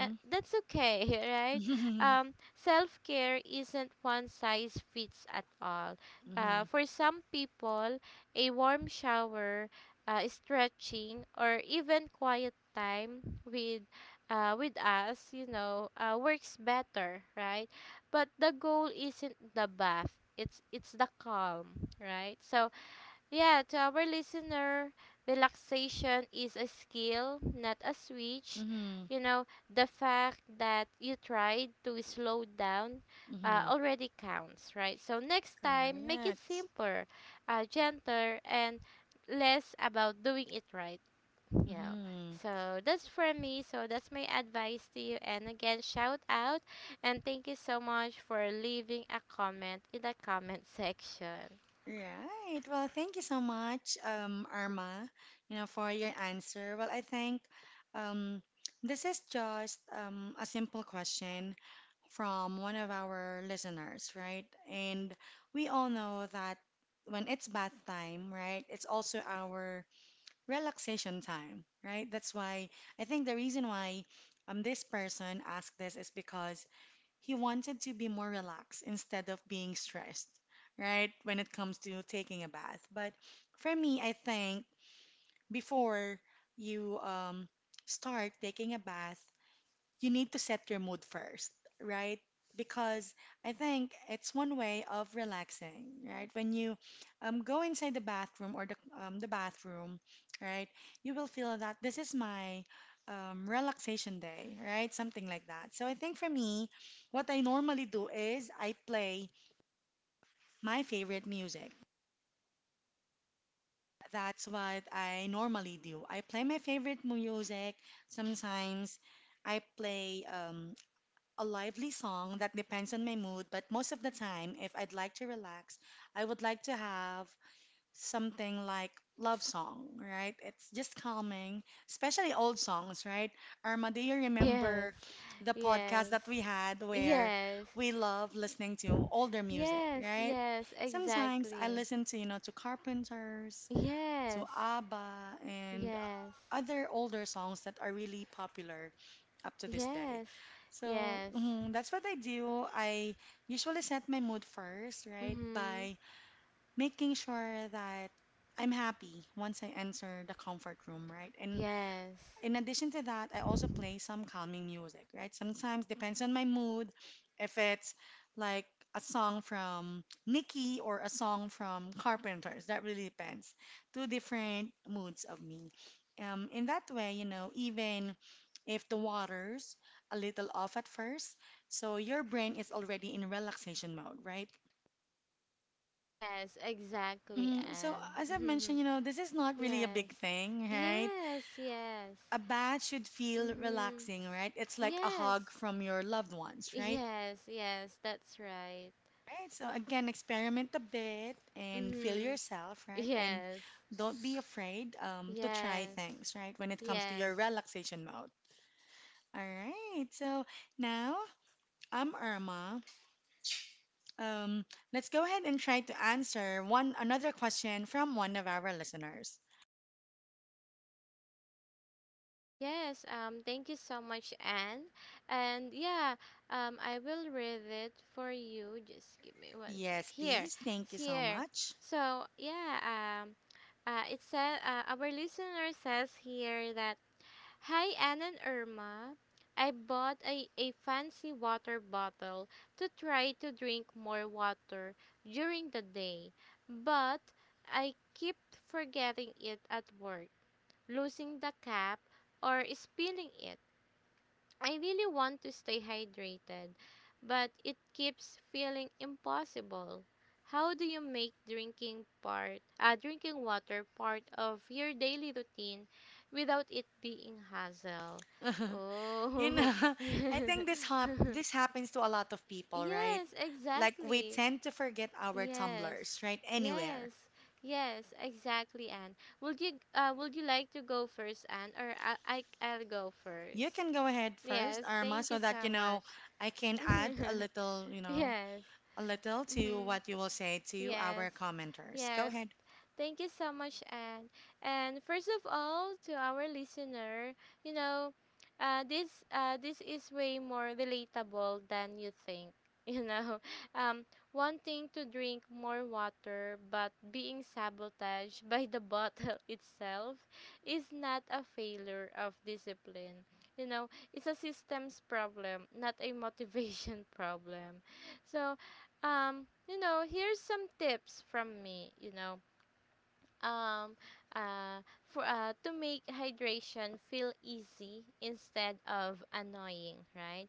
Speaker 2: that's okay, [laughs] right?
Speaker 1: [laughs] Mm-hmm.
Speaker 2: Self care isn't one size fits at all. For some people, a warm shower, stretching, or even quiet time with us, you know, works better, right? But the goal isn't the bath; it's the calm, right? So yeah, to our listener, relaxation is a skill, not a switch.
Speaker 1: Mm-hmm.
Speaker 2: You know, the fact that you tried to slow down
Speaker 1: Mm-hmm.
Speaker 2: already counts, right? So next time, make it
Speaker 1: Correct.
Speaker 2: simpler, gentler, and less about doing it right, you know.
Speaker 1: Mm-hmm.
Speaker 2: So that's for me. So that's my advice to you. And again, shout out and thank you so much for leaving a comment in the comment [laughs] section.
Speaker 1: Right. Well, thank you so much, Irma, you know, for your answer. Well, I think um, this is just a simple question from one of our listeners, right? And we all know that when it's bath time, right, it's also our relaxation time, right? That's why I think the reason why this person asked this is because he wanted to be more relaxed instead of being stressed, right? When it comes to taking a bath. But for me, I think before you start taking a bath, you need to set your mood first, right? Because I think it's one way of relaxing, right? When you go inside the bathroom or the bathroom, right, you will feel that this is my relaxation day, right? Something like that. So I think for me, what I normally do is I play my favorite music. That's what I normally do. I play my favorite music. Sometimes I play a lively song that depends on my mood, but most of the time, if I'd like to relax, I would like to have something like love song, right? It's just calming, especially old songs, right? Irma, do you
Speaker 2: Yes,
Speaker 1: remember the podcast
Speaker 2: yes,
Speaker 1: that we had where
Speaker 2: yes,
Speaker 1: we love listening to older music,
Speaker 2: yes,
Speaker 1: right?
Speaker 2: yes,
Speaker 1: Sometimes I
Speaker 2: exactly.
Speaker 1: listen to, you know, to Carpenters, to
Speaker 2: Yes,
Speaker 1: ABBA, and
Speaker 2: yes,
Speaker 1: other older songs that are really popular up to this day.
Speaker 2: yes,
Speaker 1: So
Speaker 2: yes.
Speaker 1: that's what I do. I usually set my mood first, right,
Speaker 2: Mhm.
Speaker 1: by making sure that I'm happy once I enter the comfort room, right? And
Speaker 2: Yes,
Speaker 1: in addition to that, I also play some calming music, right? Sometimes depends on my mood. If it's like a song from Nicki or a song from Carpenters, that really depends. Two different moods of me. In that way, you know, even if the water's a little off at first, so your brain is already in relaxation mode, right?
Speaker 2: yes, exactly,
Speaker 1: So as I've mentioned,
Speaker 2: and
Speaker 1: you know, this is
Speaker 2: [laughs]
Speaker 1: not really a
Speaker 2: yes,
Speaker 1: big thing, right?
Speaker 2: yes, yes.
Speaker 1: A bath should feel
Speaker 2: Mhm.
Speaker 1: relaxing, right? It's like a hug
Speaker 2: Yes,
Speaker 1: from your loved ones, right?
Speaker 2: yes, yes. That's right.
Speaker 1: Right. So again, experiment a bit and feel
Speaker 2: Mhm.
Speaker 1: yourself, right? And
Speaker 2: Yes,
Speaker 1: don't be afraid to try
Speaker 2: yes,
Speaker 1: things, right? When it comes to
Speaker 2: yes.
Speaker 1: your relaxation mode. All right. So now I'm Irma. Um, let's go ahead and try to answer one another question from one of our listeners.
Speaker 2: Yes, thank you so much, Anne. And yeah, I will read it for you. Just give me one sec.
Speaker 1: Yes,
Speaker 2: Here,
Speaker 1: please. Thank
Speaker 2: it's
Speaker 1: you so
Speaker 2: here.
Speaker 1: much.
Speaker 2: So yeah, um, it said our listener says here that, hi, Anne and Irma. I bought a fancy water bottle to try to drink more water during the day, but I keep forgetting it at work, losing the cap, or spilling it. I really want to stay hydrated, but it keeps feeling impossible. How do you make drinking water part of your daily routine without it being hassle?
Speaker 1: [laughs] You
Speaker 2: Oh.
Speaker 1: know, [laughs] I
Speaker 2: [laughs]
Speaker 1: think this happens to a lot of people, right?
Speaker 2: Yes,
Speaker 1: Like we
Speaker 2: exactly.
Speaker 1: tend to forget our
Speaker 2: Yes,
Speaker 1: tumblers, right?
Speaker 2: yes,
Speaker 1: Anywhere.
Speaker 2: yes, exactly, Anne. Would you like to go first, Anne, or I'll go
Speaker 1: You
Speaker 2: first?
Speaker 1: can go ahead
Speaker 2: Yes,
Speaker 1: first, Arma,
Speaker 2: thank you
Speaker 1: so
Speaker 2: so
Speaker 1: that you
Speaker 2: much.
Speaker 1: know I can add
Speaker 2: [laughs]
Speaker 1: a little, you know,
Speaker 2: Yes.
Speaker 1: a little to
Speaker 2: Mm-hmm.
Speaker 1: what you will say to
Speaker 2: Yes,
Speaker 1: our commenters. Go
Speaker 2: yes.
Speaker 1: ahead.
Speaker 2: Thank you so much, Anne. And first of all, to our listener, you know, this is way more relatable than you think. [laughs] You know, um, wanting to drink more water but being sabotaged [laughs] by the bottle [laughs] itself is not a failure of discipline. You know, it's a systems problem, not a motivation [laughs] problem. So, you know, here's some tips from me, you know. Um uh for To make hydration feel easy instead of annoying, right?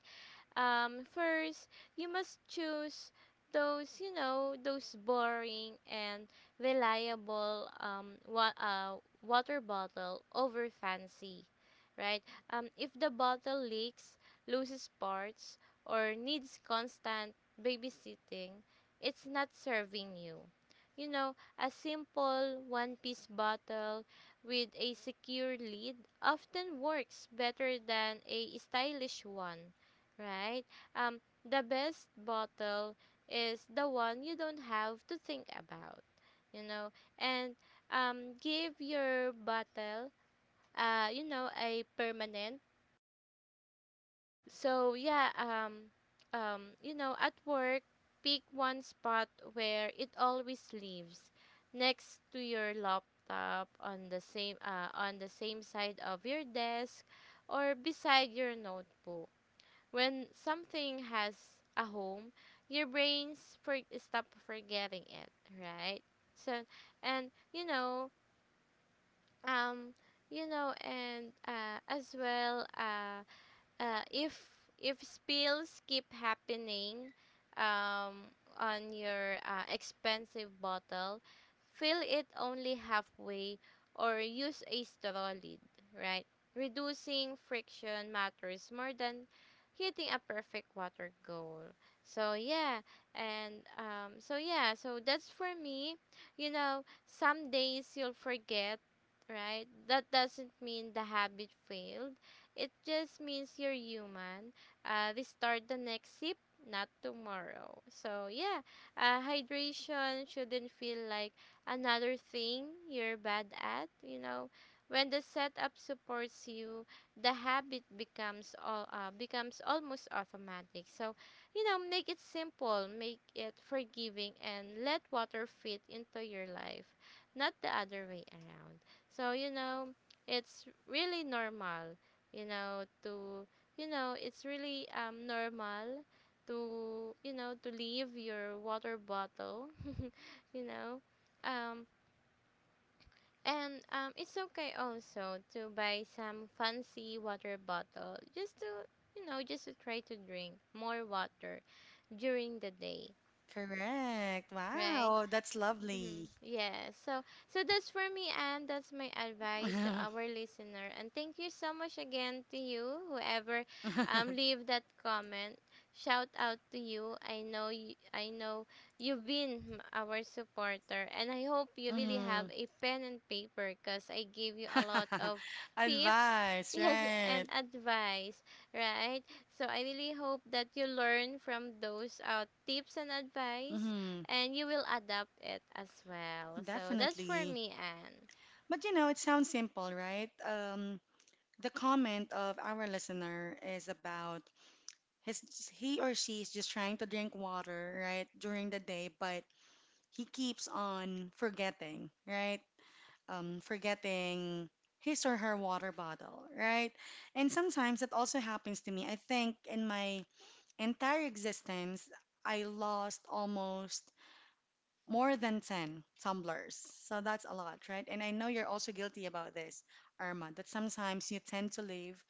Speaker 2: First, you must choose those, you know, those boring and reliable water bottle over fancy, right? If the bottle leaks, loses parts, or needs constant babysitting, it's not serving you. You know, a simple one-piece bottle with a secure lid often works better than a stylish one, right? Um, the best bottle is the one you don't have to think about, you know, and give your bottle, a permanent. So yeah, um, at work, pick one spot where it always lives, next to your laptop, on the same side of your desk, or beside your notebook when something has a home, your brains for stop forgetting it, right? So, and um, you know, and as well, If spills keep happening um, on your expensive bottle, fill it only halfway or use a straw lid, right? Reducing friction matters more than hitting a perfect water goal. So yeah, so that's for me. You know, some days you'll forget, right? That doesn't mean the habit failed, it just means you're human. We start the next sip, not tomorrow. Hydration shouldn't feel like another thing you're bad at. You know, when the setup supports you, the habit becomes all becomes almost automatic. So you know, make it simple, make it forgiving, and let water fit into your life, not the other way around. So you know, it's really normal, you know to you know it's really normal to, to leave your water bottle [laughs] you know um and it's okay also to buy some fancy water bottle just to, just to try to drink more water during the day,
Speaker 1: Correct.
Speaker 2: right?
Speaker 1: Wow, that's
Speaker 2: Mm-hmm.
Speaker 1: lovely.
Speaker 2: Yeah. So that's for me, and that's my advice to our
Speaker 1: [laughs]
Speaker 2: listener. And thank you so much again to you whoever leave that comment. Shout out to you. I know you, I know you've been our supporter, and I hope you really have
Speaker 1: Mhm.
Speaker 2: a pen and paper cuz I give you a lot of
Speaker 1: [laughs]
Speaker 2: tips. [laughs]
Speaker 1: Advice,
Speaker 2: Yes, and
Speaker 1: right?
Speaker 2: advice, right? So I really hope that you learn from those tips and advice,
Speaker 1: hmm
Speaker 2: and you will adapt it as well. So that's for
Speaker 1: Definitely.
Speaker 2: me,
Speaker 1: But you know, it sounds simple, right? The comment of our listener is about his he or she is just trying to drink water, right, during the day, but he keeps on forgetting, right? Forgetting his or her water bottle, right? And sometimes that also happens to me. I think in my entire existence, I lost almost more than 10 tumblers. So that's a lot, right? And I know you're also guilty about this, Irma, that sometimes you tend to leave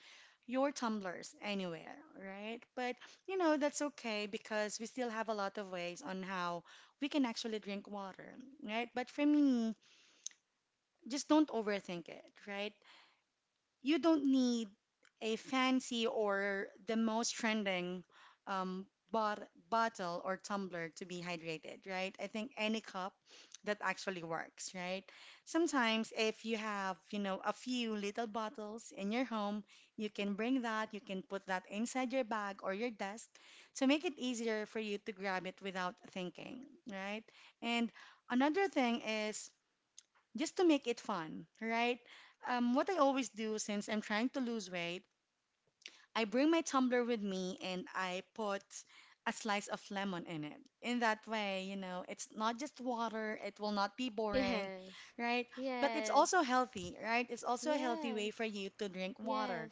Speaker 1: your tumblers anywhere, right? But you know, that's okay because we still have a lot of ways on how we can actually drink water, right? But for me, just don't overthink it, right? You don't need a fancy or the most trending um, bottle or tumbler to be hydrated, right? I think any cup that actually works, right? Sometimes if you have, you know, a few little bottles in your home, you can bring that, you can put that inside your bag or your desk to make it easier for you to grab it without thinking, right? And another thing is just to make it fun, right? What I always do since I'm trying to lose weight I bring my tumbler with me and I put a slice of lemon in it. In that way, you know, it's not just water, it will not be
Speaker 2: Anne. [laughs]
Speaker 1: boring,
Speaker 2: Yes,
Speaker 1: right? But it's
Speaker 2: yes,
Speaker 1: also healthy, right? It's also a healthy
Speaker 2: yes,
Speaker 1: way for you to drink
Speaker 2: yes,
Speaker 1: water.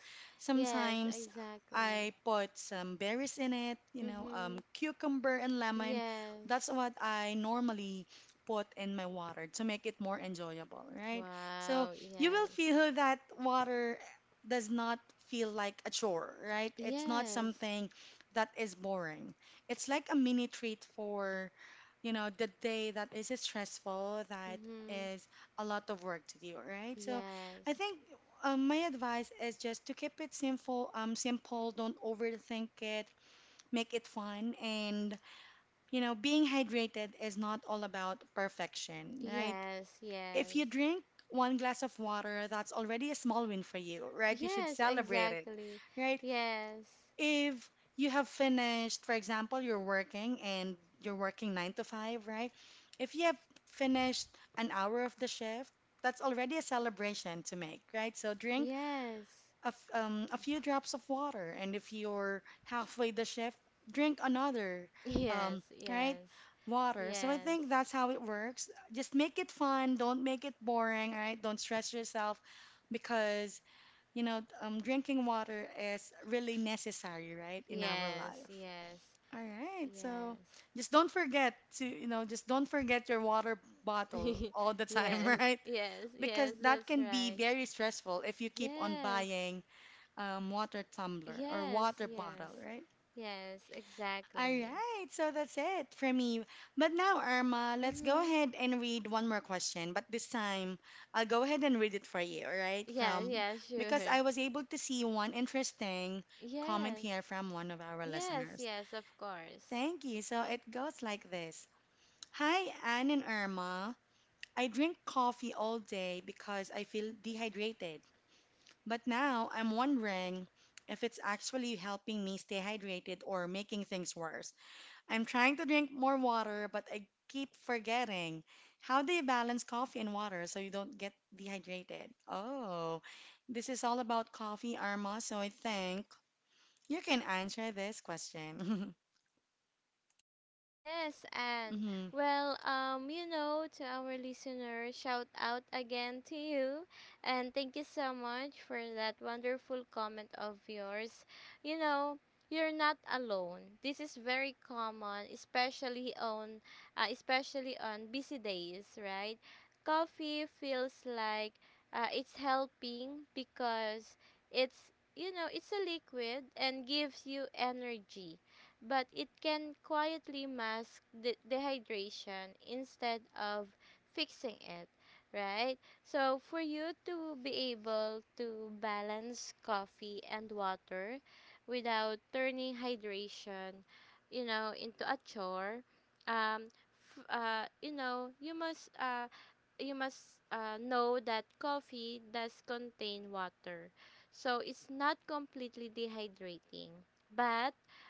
Speaker 2: yes,
Speaker 1: Sometimes
Speaker 2: exactly.
Speaker 1: I put some berries in it, you know,
Speaker 2: Mm-hmm.
Speaker 1: cucumber and lemon.
Speaker 2: Yes.
Speaker 1: That's what I normally put in my water to make it more enjoyable, right?
Speaker 2: Wow,
Speaker 1: So you
Speaker 2: yes.
Speaker 1: will feel that water does not feel like a chore, right? It's not
Speaker 2: Yes.
Speaker 1: something that is boring. It's like a mini treat for, you know, the day that is stressful, that
Speaker 2: Mm-hmm.
Speaker 1: is a lot of work to do, right? So I
Speaker 2: Yes.
Speaker 1: think my advice is just to keep it simple, simple, don't overthink it, make it fun, and you know, being hydrated is not all about perfection, right?
Speaker 2: Yes, yes.
Speaker 1: If you drink one glass of water, that's already a small win for you, right? You should
Speaker 2: Yes,
Speaker 1: celebrate it,
Speaker 2: exactly.
Speaker 1: right?
Speaker 2: Yes.
Speaker 1: If you have finished, for example, you're working and you're working nine to five, right? If you have finished an hour of the shift, that's already a celebration to make, right? So drink
Speaker 2: Yes. [laughs]
Speaker 1: a few drops of water. And if you're halfway the shift, drink another,
Speaker 2: Yes,
Speaker 1: um, right?
Speaker 2: yes.
Speaker 1: Water. So I
Speaker 2: Yes.
Speaker 1: think that's how it works. Just make it fun. Don't make it boring, right? Don't stress yourself because, you know, drinking water is really necessary, right, in our
Speaker 2: Yes,
Speaker 1: life.
Speaker 2: yes,
Speaker 1: All right. So
Speaker 2: yes.
Speaker 1: just don't forget to, you know, just don't forget your water bottle all
Speaker 2: [laughs]
Speaker 1: the time,
Speaker 2: Yes,
Speaker 1: [laughs] right?
Speaker 2: yes, yes,
Speaker 1: Because that
Speaker 2: that's
Speaker 1: can be
Speaker 2: right.
Speaker 1: very stressful if you keep on
Speaker 2: Yes,
Speaker 1: buying water tumbler or
Speaker 2: yes,
Speaker 1: water
Speaker 2: yes,
Speaker 1: bottle, right?
Speaker 2: yes,
Speaker 1: All
Speaker 2: exactly.
Speaker 1: right, so that's it for me. But now, Irma, let's go
Speaker 2: Mm-hmm.
Speaker 1: ahead and read one more question. But this time, I'll go ahead and read it for you, all right?
Speaker 2: Yeah,
Speaker 1: From
Speaker 2: yeah,
Speaker 1: because
Speaker 2: sure.
Speaker 1: I was able to see one interesting comment
Speaker 2: Yes,
Speaker 1: here from one of our
Speaker 2: yes,
Speaker 1: listeners.
Speaker 2: yes, of course.
Speaker 1: Thank you. So it goes like this. Hi, Anne and Irma. I drink coffee all day because I feel dehydrated. But now I'm wondering if it's actually helping me stay hydrated or making things worse. I'm trying to drink more water, but I keep forgetting. How do you balance coffee and water so you don't get dehydrated? Oh, this is all about coffee, Arma, so I think you can answer this question.
Speaker 2: Yes, and
Speaker 1: [laughs] hmm
Speaker 2: well, you know, to our listeners, shout out again to you, and thank you so much for that wonderful comment of yours. You know, you're not alone. This is very common, especially on, especially on busy days, right? Coffee feels like, it's helping because it's, you know, it's a liquid and gives you energy, but it can quietly mask dehydration instead of fixing it, right? So, for you to be able to balance coffee and water without turning hydration, you know, into a chore, um, you know, you must know that coffee does contain water. So it's not completely dehydrating, but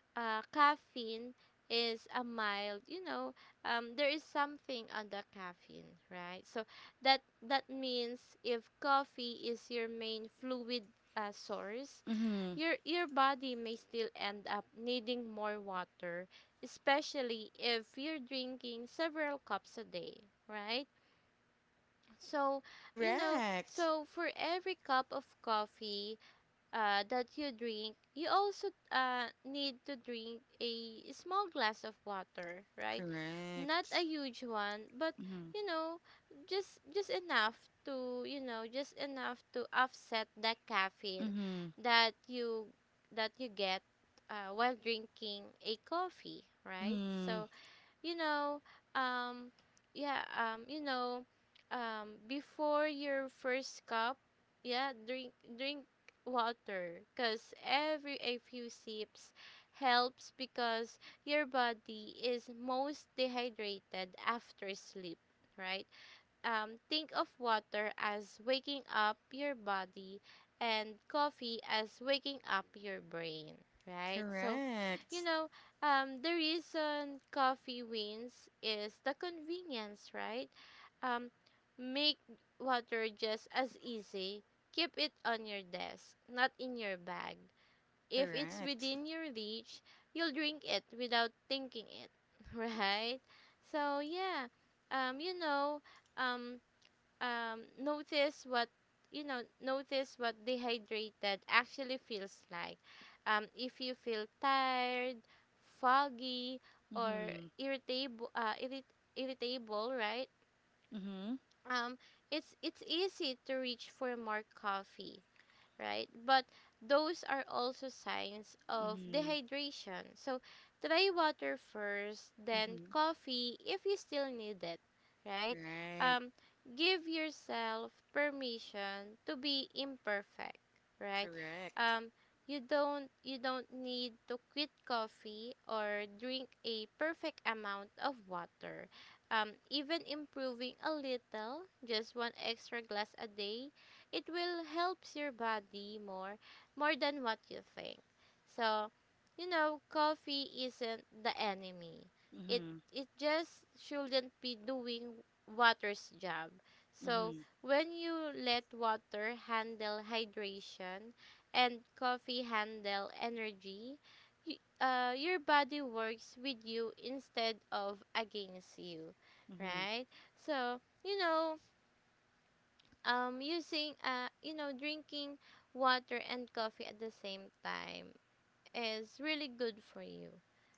Speaker 2: caffeine is a mild, you know, there is something on the caffeine, right? So that means if coffee is your main fluid source,
Speaker 1: hmm
Speaker 2: your body may still end up needing more water, especially if you're drinking several cups a day, right? So you know,
Speaker 1: Correct.
Speaker 2: so for every cup of coffee that you drink, you also need to drink a small glass of water, right? Not a
Speaker 1: Correct.
Speaker 2: huge one, but
Speaker 1: Hmm
Speaker 2: you know, just enough to, you know, just enough to offset the caffeine
Speaker 1: hmm
Speaker 2: that you get while drinking a coffee, right? So
Speaker 1: hmm
Speaker 2: you know, um, yeah, um, you know, before your first cup, yeah, drink water, cause every a few sips helps because your body is most dehydrated after sleep, right? Think of water as waking up your body and coffee as waking up your brain, right? So, you
Speaker 1: Correct.
Speaker 2: know, the reason coffee wins is the convenience, right? Um, Make water just as easy. Keep it on your desk, not in your bag. If it's within
Speaker 1: Correct.
Speaker 2: your reach, you'll drink it without thinking it. [laughs] Right? So, yeah, um, you know, um, notice what, notice what dehydrated actually feels like. If you feel tired, foggy, or
Speaker 1: Hmm
Speaker 2: irritable, irritable, right?
Speaker 1: hmm
Speaker 2: um, it's easy to reach for more coffee, right? But those are also signs of
Speaker 1: Mm-hmm.
Speaker 2: dehydration. So try water first, then
Speaker 1: Mm-hmm.
Speaker 2: coffee if you still need it, right?
Speaker 1: Right.
Speaker 2: Um, Give yourself permission to be imperfect, right?
Speaker 1: Correct.
Speaker 2: Um, you don't need to quit coffee or drink a perfect amount of water. Even improving a little, just one extra glass a day, it will helps your body more, more than what you think. So you know, coffee isn't the enemy, it
Speaker 1: Mm-hmm.
Speaker 2: it just shouldn't be doing water's job. So
Speaker 1: Mm-hmm.
Speaker 2: when you let water handle hydration and coffee handle energy, your body works with you instead of against you,
Speaker 1: Mm-hmm.
Speaker 2: right? So you know, using you know, drinking water and coffee at the same time is really good for you,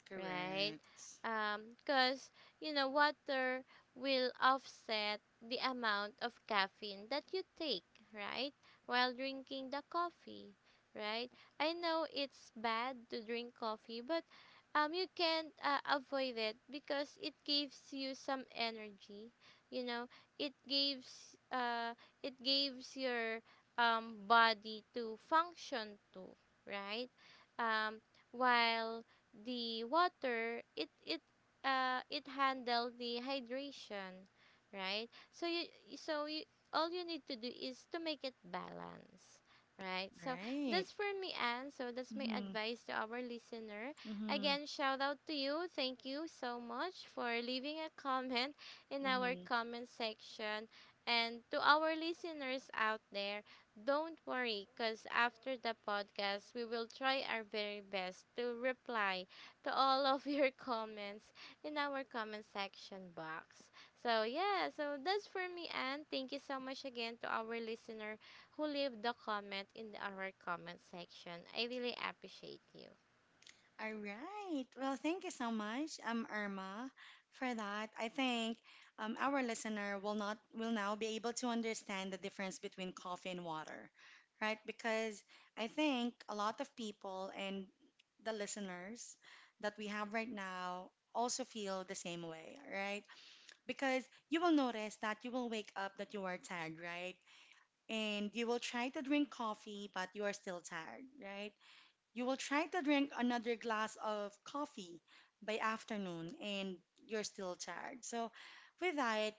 Speaker 2: right?
Speaker 1: Correct.
Speaker 2: Cause you know, water will offset the amount of caffeine that you take, right? While drinking the coffee, right? I know it's bad to drink coffee, but you can't avoid it because it gives you some energy. You know, it gives uh, it gives your body to function too, right? Um, while the water, it it handle the hydration, right? So you all you need to do is to make it balance, right? So that's
Speaker 1: Right.
Speaker 2: for me, Anne. So that's my
Speaker 1: Mm-hmm.
Speaker 2: advice to our listener. Again,
Speaker 1: Mm-hmm.
Speaker 2: shout out to you, thank you so much for leaving a comment in our
Speaker 1: Mm-hmm.
Speaker 2: comment section, and to our listeners out there, don't worry, because after the podcast we will try our very best to reply to all of your [laughs] comments in our comment section box. So, yeah, so that's for me, and thank you so much again to our listener who leave the comment in the, our comment section. I really appreciate you.
Speaker 1: All right. Well, thank you so much, Irma, for that. I think our listener will not will now be able to understand the difference between coffee and water, right? Because I think a lot of people and the listeners that we have right now also feel the same way, right? Because you will notice that you will wake up that you are tired, right? And you will try to drink coffee, but you are still tired, right? You will try to drink another glass of coffee by afternoon and you're still tired. So, with that,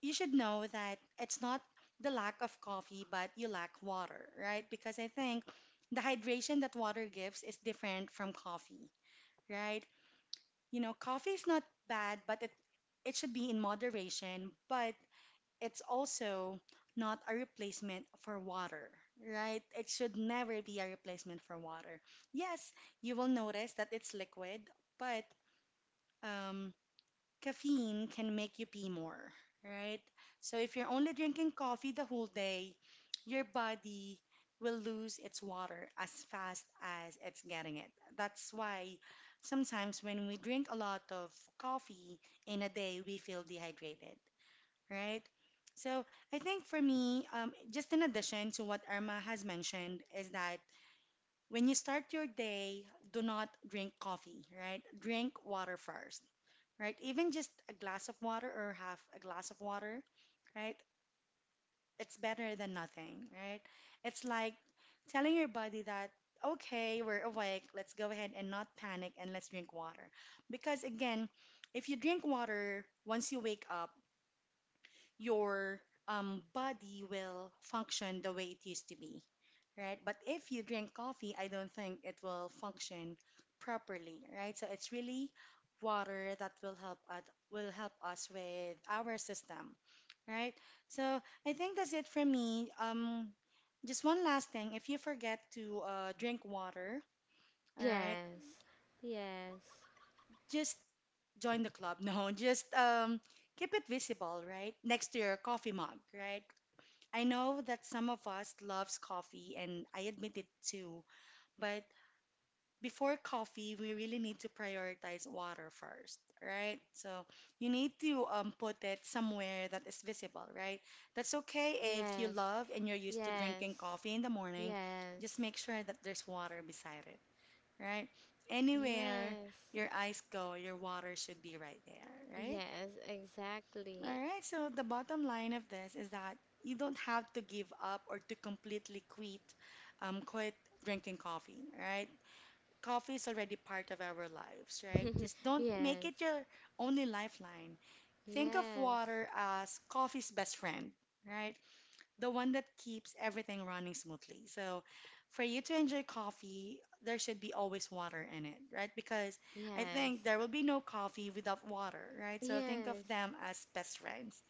Speaker 1: you should know that it's not the lack of coffee, but you lack water, right? Because I think the hydration that water gives is different from coffee, right? You know, coffee is not bad, but it should be in moderation, but it's also not a replacement for water, right? It should never be a replacement for water. Yes, you will notice that it's liquid, but um, caffeine can make you pee more, right? So if you're only drinking coffee the whole day, your body will lose its water as fast as it's getting it. That's why sometimes when we drink a lot of coffee in a day, we feel dehydrated, right? So I think for me, just in addition to what Irma has mentioned, is that when you start your day, do not drink coffee, right? Drink water first, right? Even just a glass of water or half a glass of water, right? It's better than nothing, right? It's like telling your body that, okay, we're awake, let's go ahead and not panic and let's drink water. Because again, if you drink water once you wake up, your body will function the way it used to be, right? But if you drink coffee, I don't think it will function properly, right? So it's really water that will help us with our system, right? So I think that's it for me. Just one last thing, if you forget to drink water, all right,
Speaker 2: Yes, yes,
Speaker 1: just join the club. [laughs] No, just keep it visible, right? Next to your coffee mug, right? I know that some of us loves coffee and I admit it too, but before coffee, we really need to prioritize water first, right? So you need to put it somewhere that is visible, right? That's okay if
Speaker 2: yes,
Speaker 1: you love and you're used to
Speaker 2: yes,
Speaker 1: drinking coffee in the morning,
Speaker 2: yes,
Speaker 1: just make sure that there's water beside it, right?
Speaker 2: yes,
Speaker 1: Anywhere your eyes go, your water should be right there, right?
Speaker 2: yes, exactly.
Speaker 1: All right, so the bottom line of this is that you don't have to give up or to completely quit, quit drinking coffee, right? Coffee is already part of our lives, right?
Speaker 2: [laughs]
Speaker 1: Just don't
Speaker 2: Yes,
Speaker 1: make it your only lifeline. Think of
Speaker 2: yes,
Speaker 1: water as coffee's best friend, right? The one that keeps everything running smoothly. So, for you to enjoy coffee, there should be always water in it, right? Because I
Speaker 2: yes,
Speaker 1: think there will be no coffee without water, right? So, think
Speaker 2: yes.
Speaker 1: of them as best friends.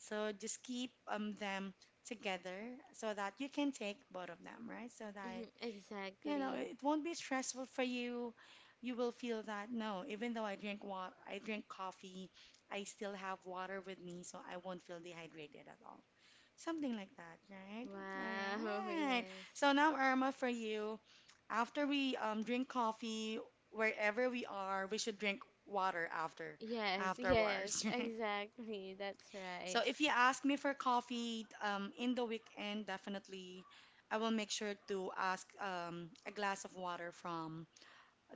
Speaker 1: So just keep them together so that you can take both of them, right? So
Speaker 2: [laughs]
Speaker 1: that, you
Speaker 2: Exactly.
Speaker 1: know, it won't be stressful for you. You will feel that, no, even though I drink water, I drink coffee, I still have water with me, so I won't feel dehydrated at all. Something like that, right?
Speaker 2: Wow, [laughs]
Speaker 1: All right.
Speaker 2: yes.
Speaker 1: So now, Irma, for you, after we drink coffee, wherever we are, we should drink water
Speaker 2: Yes, yes,
Speaker 1: afterwards. [laughs]
Speaker 2: exactly. That's right.
Speaker 1: So if you ask me for coffee in the weekend, definitely I will make sure to ask a glass of water from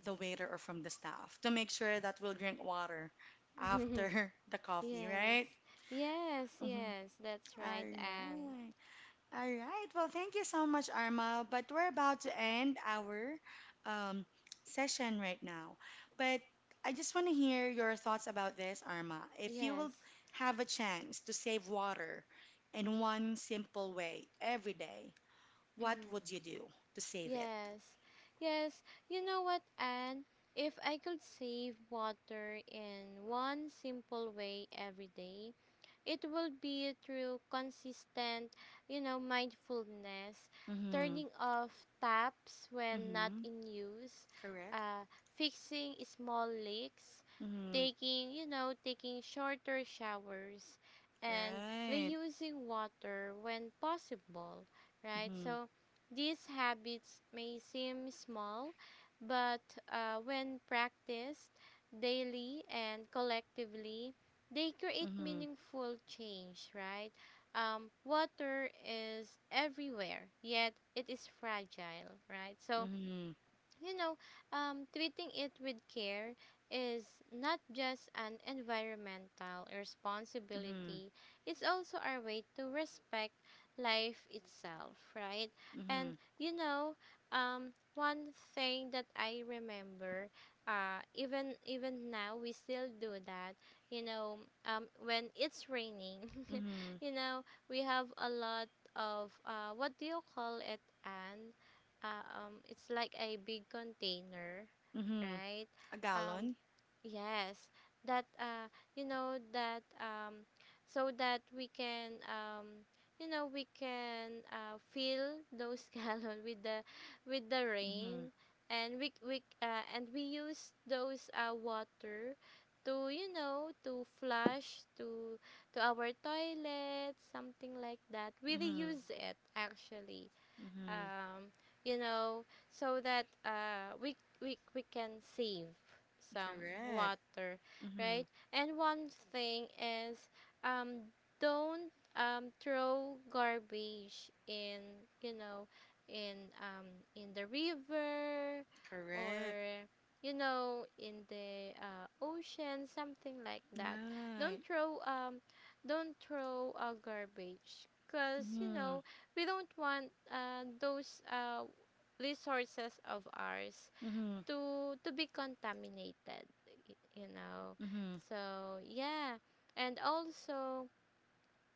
Speaker 1: the waiter or from the staff to make sure that we'll drink water
Speaker 2: [laughs]
Speaker 1: after [laughs] the coffee,
Speaker 2: Yes.
Speaker 1: right?
Speaker 2: Yes,
Speaker 1: Mhm.
Speaker 2: yes, that's right,
Speaker 1: All
Speaker 2: Anne.
Speaker 1: right. All right. Well, thank you so much, Arma. But we're about to end our um, session right now. But I just want to hear your thoughts about this, Arma. If you
Speaker 2: Yes.
Speaker 1: will have a chance to save water in one simple way every day, what
Speaker 2: Mm.
Speaker 1: would you do to save it?
Speaker 2: Yes, yes. You know what, Anne? If I could save water in one simple way every day, it would be through consistent, you know, mindfulness, turning
Speaker 1: Mm-hmm.
Speaker 2: off taps when not in
Speaker 1: Mm-hmm.
Speaker 2: use,
Speaker 1: Correct.
Speaker 2: uh, fixing small leaks,
Speaker 1: Mm-hmm.
Speaker 2: taking, you know, taking shorter showers, and
Speaker 1: Right.
Speaker 2: reusing water when possible, right? So,
Speaker 1: Mm-hmm.
Speaker 2: these habits may seem small, but when practiced daily and collectively, they create
Speaker 1: Mm-hmm.
Speaker 2: meaningful change, right? Water is everywhere, yet it is fragile, right? So,
Speaker 1: Mm-hmm.
Speaker 2: you know, treating it with care is not just an environmental responsibility,
Speaker 1: Mm-hmm.
Speaker 2: it's also our way to respect life itself, right? And
Speaker 1: Mm-hmm.
Speaker 2: you know, one thing that I remember, even now we still do that. You know, when it's raining, [laughs] you
Speaker 1: Mm-hmm.
Speaker 2: know, we have a lot of what do you call it, Anne? It's like a big container,
Speaker 1: Mm-hmm.
Speaker 2: right?
Speaker 1: A
Speaker 2: Um,
Speaker 1: gallon.
Speaker 2: yes, that you know, that so that we can, you know, we can fill those [laughs] gallon with the rain,
Speaker 1: Mm-hmm.
Speaker 2: and we and we use those water to, you know, to flush to our toilet, something like that, we reuse
Speaker 1: Mm-hmm.
Speaker 2: it actually.
Speaker 1: Mm-hmm.
Speaker 2: um, you know, so that we can save some
Speaker 1: Correct.
Speaker 2: water, right?
Speaker 1: Mm-hmm.
Speaker 2: And one thing is, um, don't throw garbage in, you know, in, um, in the river, or,
Speaker 1: Correct.
Speaker 2: you know, in the ocean, something like that. Don't
Speaker 1: Right.
Speaker 2: throw, um, don't throw garbage because, you know,
Speaker 1: Mm-hmm.
Speaker 2: we don't want those resources of ours
Speaker 1: Mm-hmm.
Speaker 2: to be contaminated, you know.
Speaker 1: Mm-hmm.
Speaker 2: So yeah, and also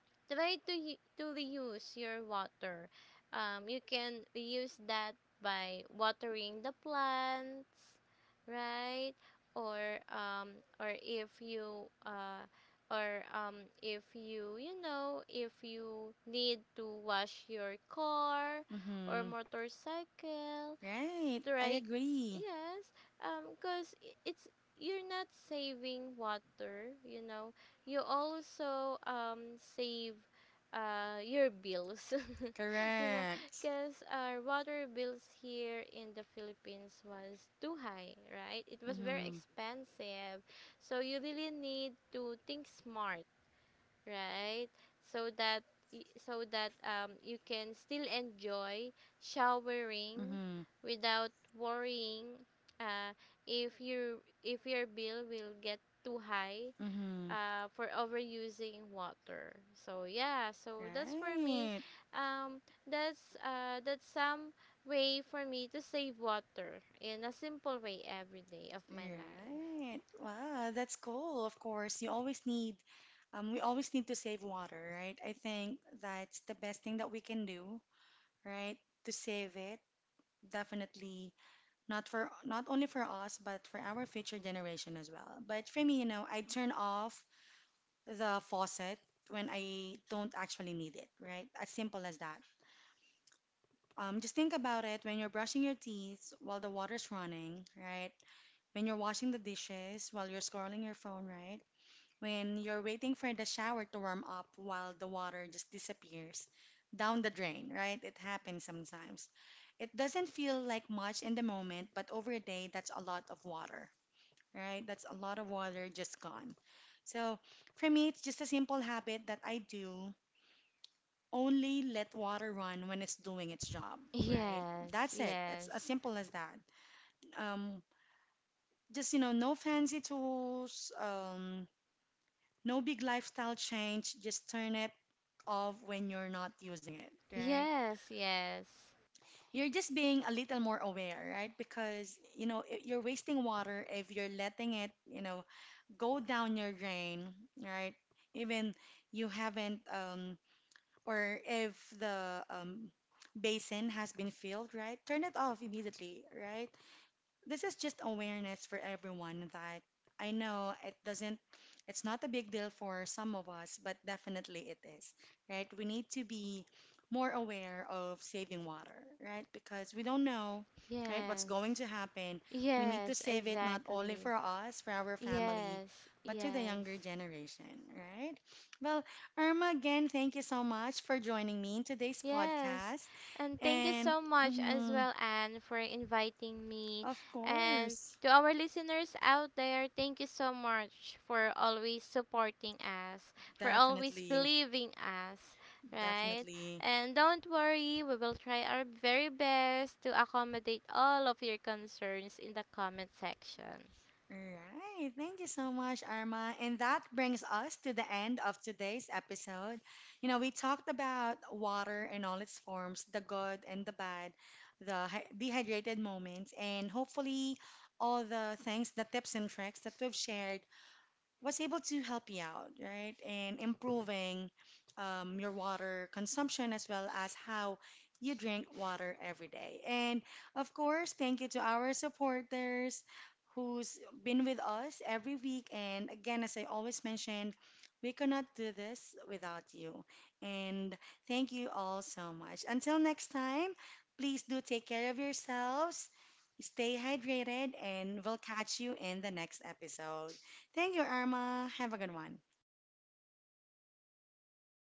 Speaker 2: try to to reuse your water. You can reuse that by watering the plants, right? Or if you or if you, you know, if you need to wash your car or
Speaker 1: Mm-hmm.
Speaker 2: motorcycle, the
Speaker 1: Right.
Speaker 2: right,
Speaker 1: I agree.
Speaker 2: yes, because it's, you're not saving water, you know, you also save your bills. [laughs] You know,
Speaker 1: Correct.
Speaker 2: because our water bills here in the Philippines was too high, right? It was very
Speaker 1: Mm-hmm.
Speaker 2: expensive, so you really need to think smart, right? So that you can still enjoy showering
Speaker 1: Mm-hmm.
Speaker 2: without worrying uh if you if your bill will get too high
Speaker 1: Mm-hmm.
Speaker 2: for overusing water. So yeah, so that's for me.
Speaker 1: Right.
Speaker 2: um that's some way for me to save water in a simple way every day of my life.
Speaker 1: Right. Wow, that's cool. Of course, you always need, we always need to save water, right? I think that's the best thing that we can do, right? To save it, definitely not only for us but for our future generation as well. But for me, you know, I turn off the faucet when I don't actually need it, right? As simple as that. Just think about it: when you're brushing your teeth while the water's running, right? When you're washing the dishes while you're scrolling your phone, right? When you're waiting for the shower to warm up while the water just disappears down the drain, right? It happens sometimes. It doesn't feel like much in the moment, but over a day, that's a lot of water, right? That's a lot of water just gone. So for me, it's just a simple habit that I do. Only let water run when it's doing its
Speaker 2: [laughs]
Speaker 1: job, right?
Speaker 2: Yes,
Speaker 1: That's it. It's
Speaker 2: yes.
Speaker 1: as simple as that. Um, just, you know, no fancy tools, no big lifestyle change. Just turn it off when you're not using it, right?
Speaker 2: Yes, yes.
Speaker 1: You're just being a little more aware, right? Because, you know, you're wasting water if you're letting it, you know, go down your drain, right? Even you haven't, or if the basin has been filled, right? Turn it off immediately, right? This is just awareness for everyone that, I know it doesn't, it's not a big deal for some of us, but definitely it is, right? We need to be more aware of saving water, right? Because we don't know, right, what's
Speaker 2: Yes.
Speaker 1: going to happen. We
Speaker 2: Yes,
Speaker 1: need to save it not
Speaker 2: exactly.
Speaker 1: only for us, for our
Speaker 2: Yes,
Speaker 1: family, but to the
Speaker 2: yes.
Speaker 1: younger generation, right? Well, Irma, again, thank you so much for joining me in today's
Speaker 2: Yes.
Speaker 1: podcast.
Speaker 2: And thank you so
Speaker 1: And
Speaker 2: much as well,
Speaker 1: mhm,
Speaker 2: Anne, for inviting me.
Speaker 1: of
Speaker 2: And to
Speaker 1: course.
Speaker 2: our listeners out there, thank you so much for always supporting us, for always
Speaker 1: Definitely,
Speaker 2: believing us, right?
Speaker 1: definitely.
Speaker 2: And don't worry, we will try our very best to accommodate all of your concerns in the comment section.
Speaker 1: All right. Thank you so much, Arma. And that brings us to the end of today's episode. You know, we talked about water in all its forms, the good and the bad, the dehydrated moments, and hopefully all the things, the tips and tricks that we've shared was able to help you out, right, in improving your water consumption as well as how you drink water every day. And of course, thank you to our supporters who's been with us every week. And again, as I always mentioned, we cannot do this without you. And thank you all so much. Until next time, please do take care of yourselves, stay hydrated, and we'll catch you in the next episode. Thank you, Irma. Have a good one.